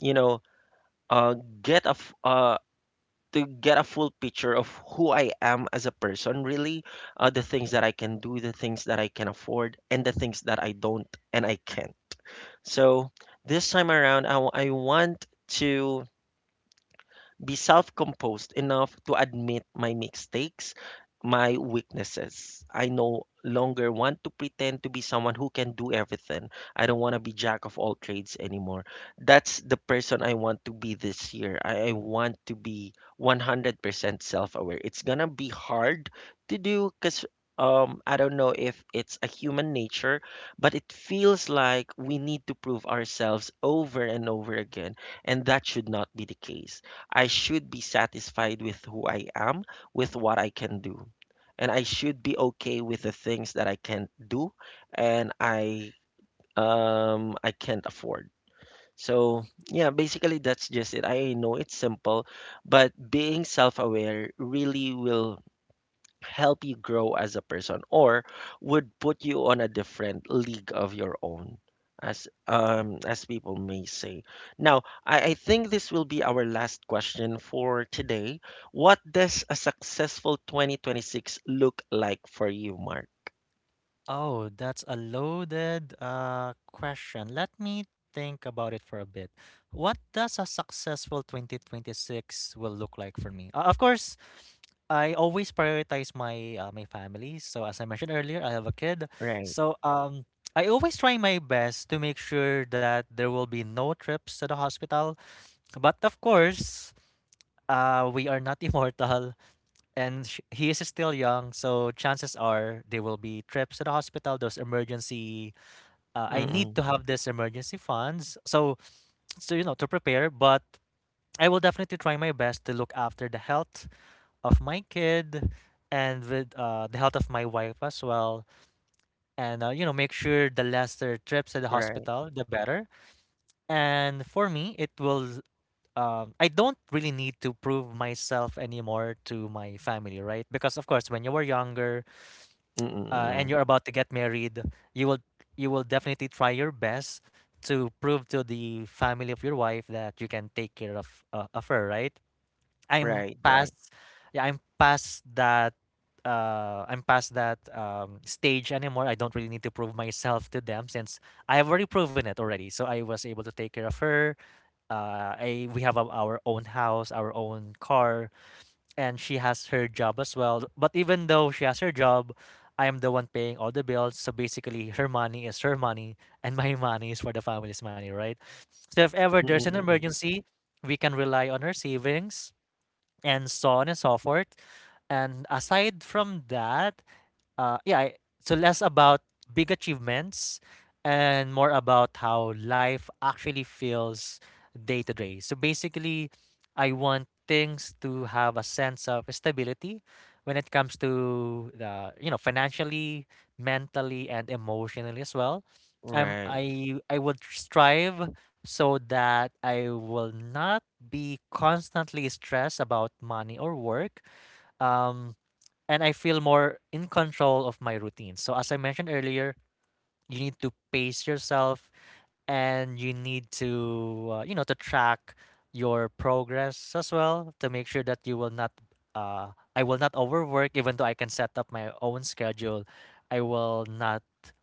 Speaker 1: you know, uh, get a f- uh, to get a full picture of who I am as a person, really, the things that I can do, the things that I can afford, and the things that I don't and I can't. So this time around, I want to be self composed enough to admit my mistakes, my weaknesses. I no longer want to pretend to be someone who can do everything. I don't want to be jack of all trades anymore. That's the person I want to be this year. I want to be 100% self aware. It's going to be hard to do because. I don't know if it's a human nature, but it feels like we need to prove ourselves over and over again, and that should not be the case. I should be satisfied with who I am, with what I can do. And I should be okay with the things that I can't do and I I can't afford. So, yeah, basically that's just it. I know it's simple, but being self-aware really will help you grow as a person or would put you on a different league of your own as people may say. Now, I think this will be our last question for today. What does a successful 2026 look like for you, Mark?
Speaker 2: Oh, that's a loaded question. Let me think about it for a bit. What does a successful 2026 will look like for me? Of course, I always prioritize my my family. So as I mentioned earlier, I have a kid.
Speaker 1: Right.
Speaker 2: So I always try my best to make sure that there will be no trips to the hospital. But of course, we are not [LAUGHS] immortal and he is still young, so chances are there will be trips to the hospital. Those emergency, I need
Speaker 1: Mm-mm.
Speaker 2: to have this emergency funds, so so you know to prepare. But I will definitely try my best to look after the health of my kid and with the health of my wife as well, and you know, make sure the lesser trips to the
Speaker 1: Right.
Speaker 2: hospital the better. And for me, it will, I don't really need to prove myself anymore to my family, right? Because of course, when you were younger, and
Speaker 1: Mm-mm.
Speaker 2: you're about to get married, you will you will definitely try your best to prove to the family of your wife that you can take care of her, right? I'm
Speaker 1: Right, right.
Speaker 2: past, yeah, I'm past that. I'm past that stage anymore. I don't really need to prove myself to them since I have already proven it already. So I was able to take care of her. I We have our own house, our own car, and she has her job as well. But even though she has her job, I am the one paying all the bills. So basically, her money is her money, and my [LAUGHS] money is for the family's money, right? So if ever there's an
Speaker 1: Mm-mm.
Speaker 2: emergency, we can rely on her savings and so on and so forth. And aside from that, yeah, so less about big achievements and more about how life actually feels day to day. So basically, I want things to have a sense of stability when it comes to the, you know, financially, mentally, and emotionally as well. Um,
Speaker 1: Right.
Speaker 2: I I would strive so that I will not be constantly stressed about money or work. Um, and I feel more in control of my routine. So as I mentioned earlier, you need to pace yourself and you need to, you know, to track your progress as well to make sure that you will not, I will not overwork even though I can set up my own schedule. I will not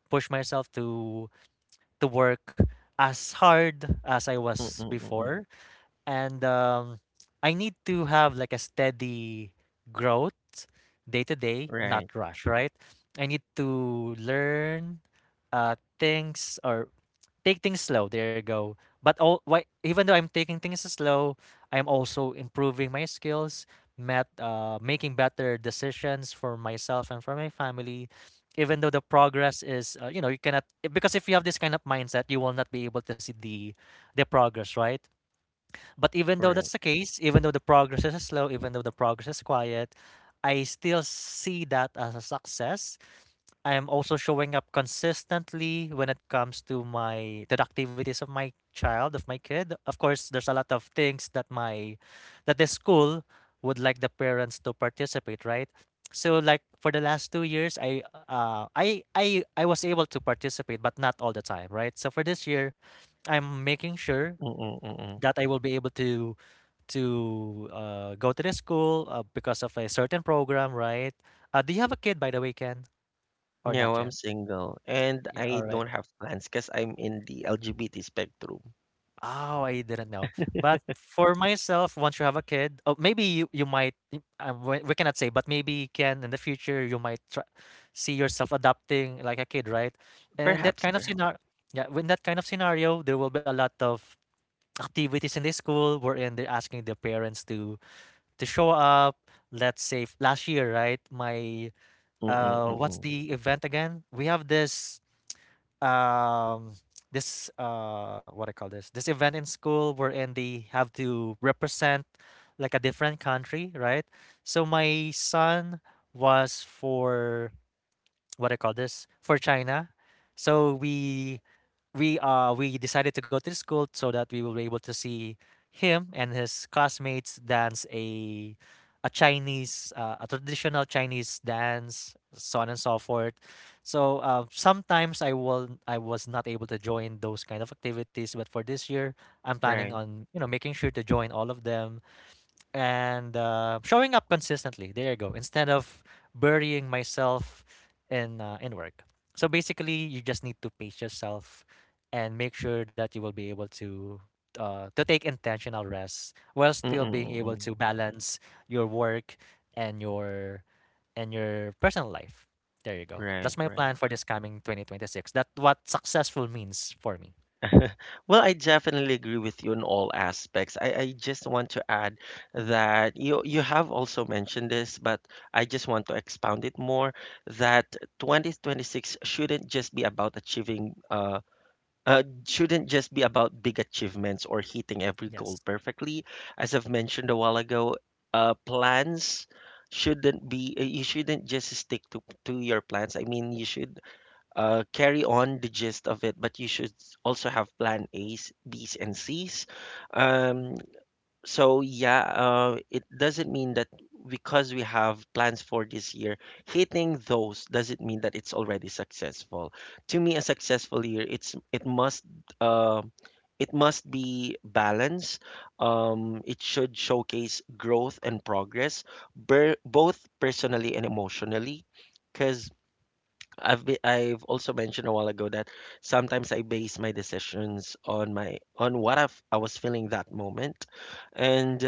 Speaker 2: push myself to work as hard as I
Speaker 1: Mm-mm.
Speaker 2: was
Speaker 1: Right,
Speaker 2: before, and I need to have like a steady growth day to day, not
Speaker 1: right.
Speaker 2: rush, right? I need to learn things or take things slow. There you go. But all, why, even though I'm taking things slow, I'm also improving my skills, making better decisions for myself and for my family. Even though the progress is, you know, you cannot, because if you have this kind of mindset, you will not be able to see the progress, right? But even though
Speaker 1: Right.
Speaker 2: that's the case, even though the progress is slow, even though the progress is quiet, I still see that as a success. I am also showing up consistently when it comes to my to the activities of my child, of my kid. Of course, there's a lot of things that my that the school would like the parents to participate, right? So like for the last 2 years, I was able to participate, but not all the time, right? So for this year, I'm making sure
Speaker 1: Mm-mm.
Speaker 2: that I will be able to go to the school because of a certain program, right? Do you have a kid, by the way, Ken, or
Speaker 1: No,
Speaker 2: not
Speaker 1: I'm
Speaker 2: yet?
Speaker 1: single and
Speaker 2: Yeah,
Speaker 1: I
Speaker 2: all right.
Speaker 1: don't have plans because I'm in the LGBT spectrum.
Speaker 2: Oh, I didn't know. But for myself, once you have a kid, oh, maybe you might, we cannot say, but maybe Ken, in the future, you might try, see yourself adopting like a kid, right? And in that
Speaker 1: Perhaps,
Speaker 2: kind of
Speaker 1: perhaps.
Speaker 2: scenario, yeah, in that kind of scenario, there will be a lot of activities in the school wherein they're asking their parents to show up. Let's say last year, right? My
Speaker 1: Mm-mm,
Speaker 2: what's
Speaker 1: mm-mm.
Speaker 2: the event again? We have this um [TSK] this what I call this event in school wherein they have to represent like a different country, right? So my son was for, what I call this, for China. So we we decided to go to the school so that we will be able to see him and his classmates dance a Chinese a traditional Chinese dance, so on and so forth. So sometimes I will, I was not able to join those kind of activities, but for this year I'm planning
Speaker 1: Right.
Speaker 2: on, you know, making sure to join all of them and, showing up consistently. There you go. Instead of burying myself in work. So basically, you just need to pace yourself and make sure that you will be able to, to take intentional rest while still
Speaker 1: Mm-mm,
Speaker 2: being able
Speaker 1: mm-mm.
Speaker 2: to balance your work and your and your personal life. There you go.
Speaker 1: Right,
Speaker 2: That's my
Speaker 1: right.
Speaker 2: plan for this coming 2026. That's what successful means for me.
Speaker 1: [LAUGHS] Well, I definitely agree with you in all aspects. I just want to add that you have also mentioned this, but I just want to expound it more that 2026 shouldn't just be about achieving shouldn't just be about big achievements or hitting every
Speaker 2: Yes.
Speaker 1: goal perfectly. As I've mentioned a while ago, plans shouldn't be you shouldn't just stick to your plans. I mean, you should carry on the gist of it, but you should also have plan A's, B's, and C's. Um, so yeah, it doesn't mean that because we have plans for this year, hitting those doesn't mean that it's already successful. To me, a successful year, uh, it must be balanced. It should showcase growth and progress, both personally and emotionally, because I've also mentioned a while ago that sometimes I base my decisions on my on what I was feeling that moment, and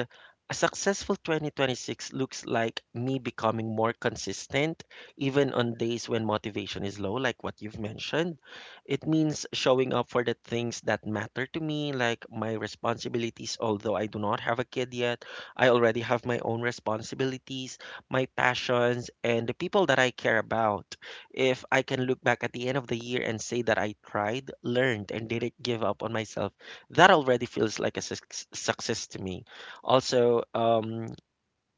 Speaker 1: a successful 2026 looks like me becoming more consistent even on days when motivation is low, like what you've mentioned. It means showing up for the things that matter to me, like my responsibilities. Although I do not have a kid yet, I already have my own responsibilities, my passions, and the people that I care about. If I can look back at the end of the year and say that I tried, learned, and didn't give up on myself, that already feels like a success to me. Also,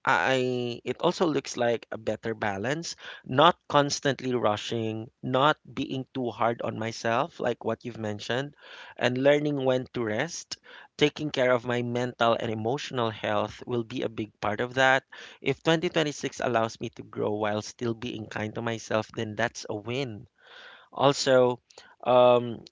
Speaker 1: I it also looks like a better balance, not constantly rushing, not being too hard on myself, like what you've mentioned, and learning when to rest. Taking care of my mental and emotional health will be a big part of that. If 2026 allows me to grow while still being kind to myself, then that's a win. Also, um,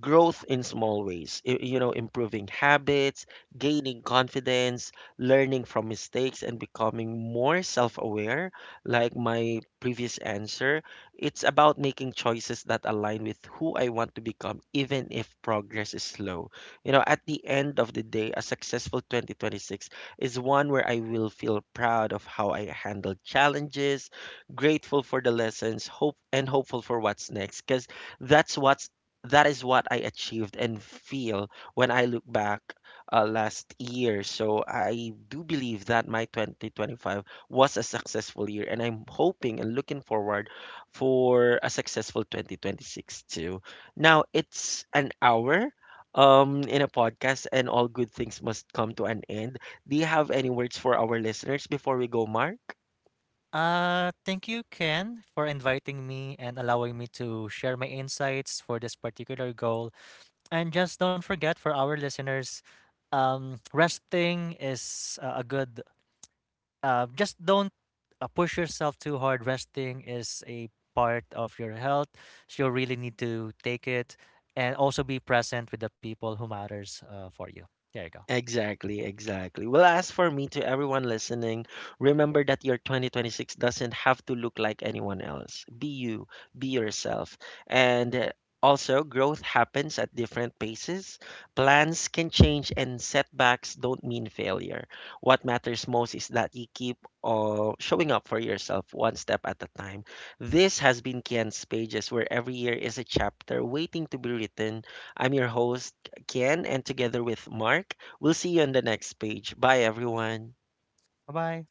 Speaker 1: growth in small ways, you know, improving habits, gaining confidence, learning from mistakes and becoming more self-aware, like my previous answer. It's about making choices that align with who I want to become even if progress is slow. You know, at the end of the day, a successful 2026 is one where I will feel proud of how I handled challenges, grateful for the lessons, hopeful for what's next, because that's what that is what I achieved and feel when I look back last year. So I do believe that my 2025 was a successful year, and I'm hoping and looking forward for a successful 2026 too. Now it's an hour. In a podcast, and all good things must come to an end. Do you have any words for our listeners before we go, Mark?
Speaker 2: Thank you, Ken, for inviting me and allowing me to share my insights for this particular goal. And just don't forget, for our listeners, resting is, a good. Just don't push yourself too hard. Resting is a part of your health, so you really need to take it, and also be present with the people who matters for you. There you go.
Speaker 1: Exactly, exactly. Well, as for me, to everyone listening, remember that your 2026 doesn't have to look like anyone else. Be you, be yourself. And also, growth happens at different paces. Plans can change, and setbacks don't mean failure. What matters most is that you keep showing up for yourself one step at a time. This has been Kian's Pages, where every year is a chapter waiting to be written. I'm your host, Kian, and together with Mark, we'll see you on the next page. Bye, everyone.
Speaker 2: Bye bye.